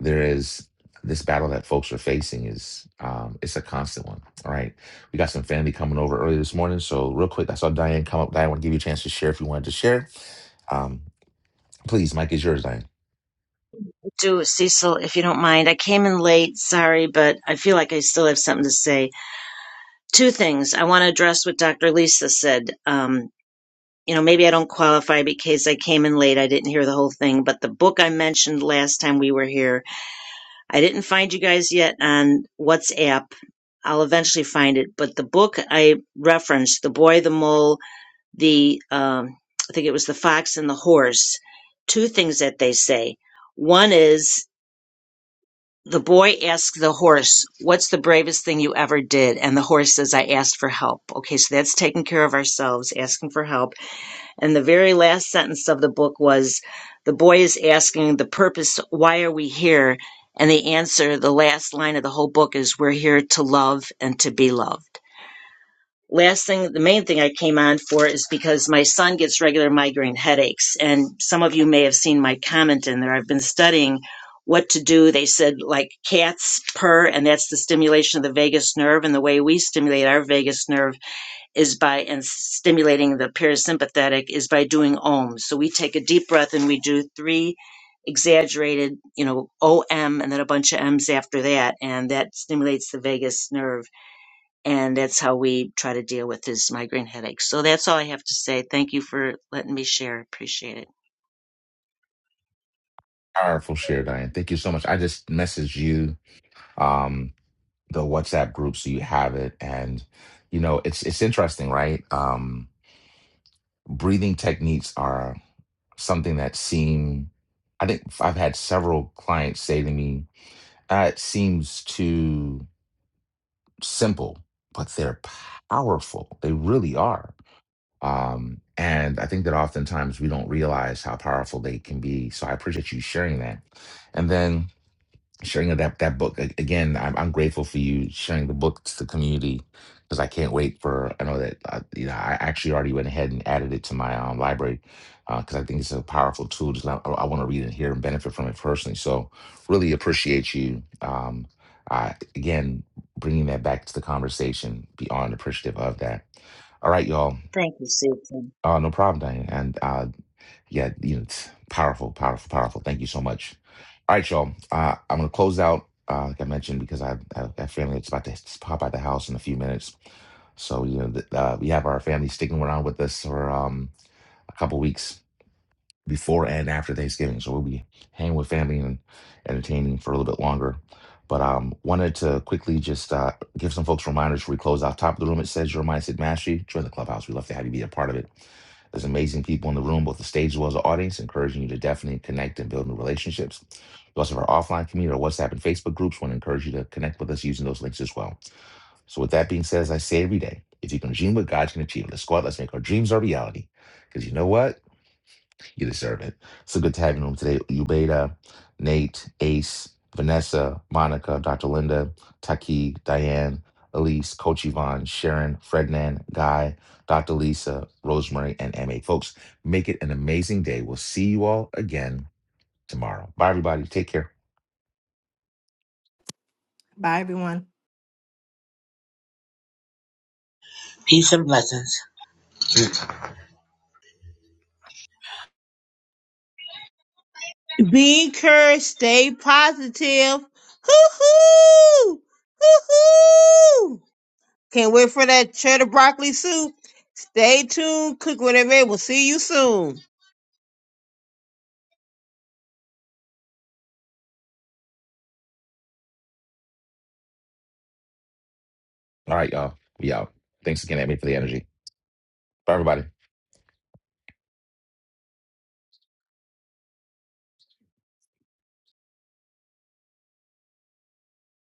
[SPEAKER 1] there is this battle that folks are facing is um, it's a constant one. All right, we got some family coming over early this morning, so real quick, I saw Diane come up. Diane, want to give you a chance to share if you wanted to share. Um, please, Mike is yours, Diane.
[SPEAKER 11] do, Cecil, if you don't mind. I came in late, sorry, but I feel like I still have something to say. Two things. I want to address what Dr. Lisa said. Um, you know, maybe I don't qualify because I came in late. I didn't hear the whole thing, but the book I mentioned last time we were here, I didn't find you guys yet on WhatsApp. I'll eventually find it, but the book I referenced, The Boy, the Mole, the, um, I think it was The Fox and the Horse, two things that they say. One is The boy asks the horse, What's the bravest thing you ever did? And the horse says, I asked for help. Okay, so that's taking care of ourselves, asking for help. And the very last sentence of the book was, The boy is asking the purpose, why are we here? And the answer, the last line of the whole book is, We're here to love and to be loved last thing the main thing i came on for is because my son gets regular migraine headaches and some of you may have seen my comment in there i've been studying what to do they said like cats purr and that's the stimulation of the vagus nerve and the way we stimulate our vagus nerve is by and stimulating the parasympathetic is by doing ohms so we take a deep breath and we do three exaggerated you know om and then a bunch of m's after that and that stimulates the vagus nerve and that's how we try to deal with his migraine headaches. So that's all I have to say. Thank you for letting me share. Appreciate it.
[SPEAKER 1] Powerful share, Diane. Thank you so much. I just messaged you um, the WhatsApp group so you have it, and you know it's it's interesting, right? Um, breathing techniques are something that seem i think i i've had several clients say to me uh, it seems too simple but they're powerful they really are um, and i think that oftentimes we don't realize how powerful they can be so i appreciate you sharing that and then sharing of that that book A- again. I'm, I'm grateful for you sharing the book to the community because I can't wait for. I know that uh, you know I actually already went ahead and added it to my um, library because I think it's a powerful tool. Just not, I, I want to read it here and benefit from it personally. So really appreciate you. Um, uh, again, bringing that back to the conversation. Beyond appreciative of that. All right, y'all.
[SPEAKER 11] Thank you, Susan.
[SPEAKER 1] Uh, no problem, Diane. And uh, yeah, you know, it's powerful, powerful, powerful. Thank you so much. All right, y'all. Uh, I'm going to close out, uh, like I mentioned, because I have, I have family that's about to s- pop out the house in a few minutes. So, you know, th- uh, we have our family sticking around with us for um, a couple weeks before and after Thanksgiving. So we'll be hanging with family and entertaining for a little bit longer. But um, wanted to quickly just uh, give some folks reminders before we close out. Top of the room, it says your mindset mastery. Join the clubhouse. We'd love to have you be a part of it. There's amazing people in the room, both the stage as well as the audience, encouraging you to definitely connect and build new relationships. We also have our offline community, our WhatsApp and Facebook groups. Want to encourage you to connect with us using those links as well. So with that being said, as I say every day, if you can dream what God can achieve, let's go out, let's make our dreams our reality. Because you know what? You the servant. So good to have you on today. Ubeda, Nate, Ace, Vanessa, Monica, Dr. Linda, Taki, Diane, Elise, Coach Yvonne, Sharon, Frednan, Guy, Dr. Lisa, Rosemary, and MA. Folks, make it an amazing day. We'll see you all again tomorrow. Bye, everybody. Take care.
[SPEAKER 6] Bye, everyone.
[SPEAKER 7] Peace and blessings.
[SPEAKER 3] Be encouraged. Stay positive. Hoo-hoo! Hoo-hoo! Can't wait for that cheddar broccoli soup. Stay tuned. Cook whatever. We'll see you soon.
[SPEAKER 1] All right, y'all. We out. Thanks again, MA, for the energy. Bye, everybody.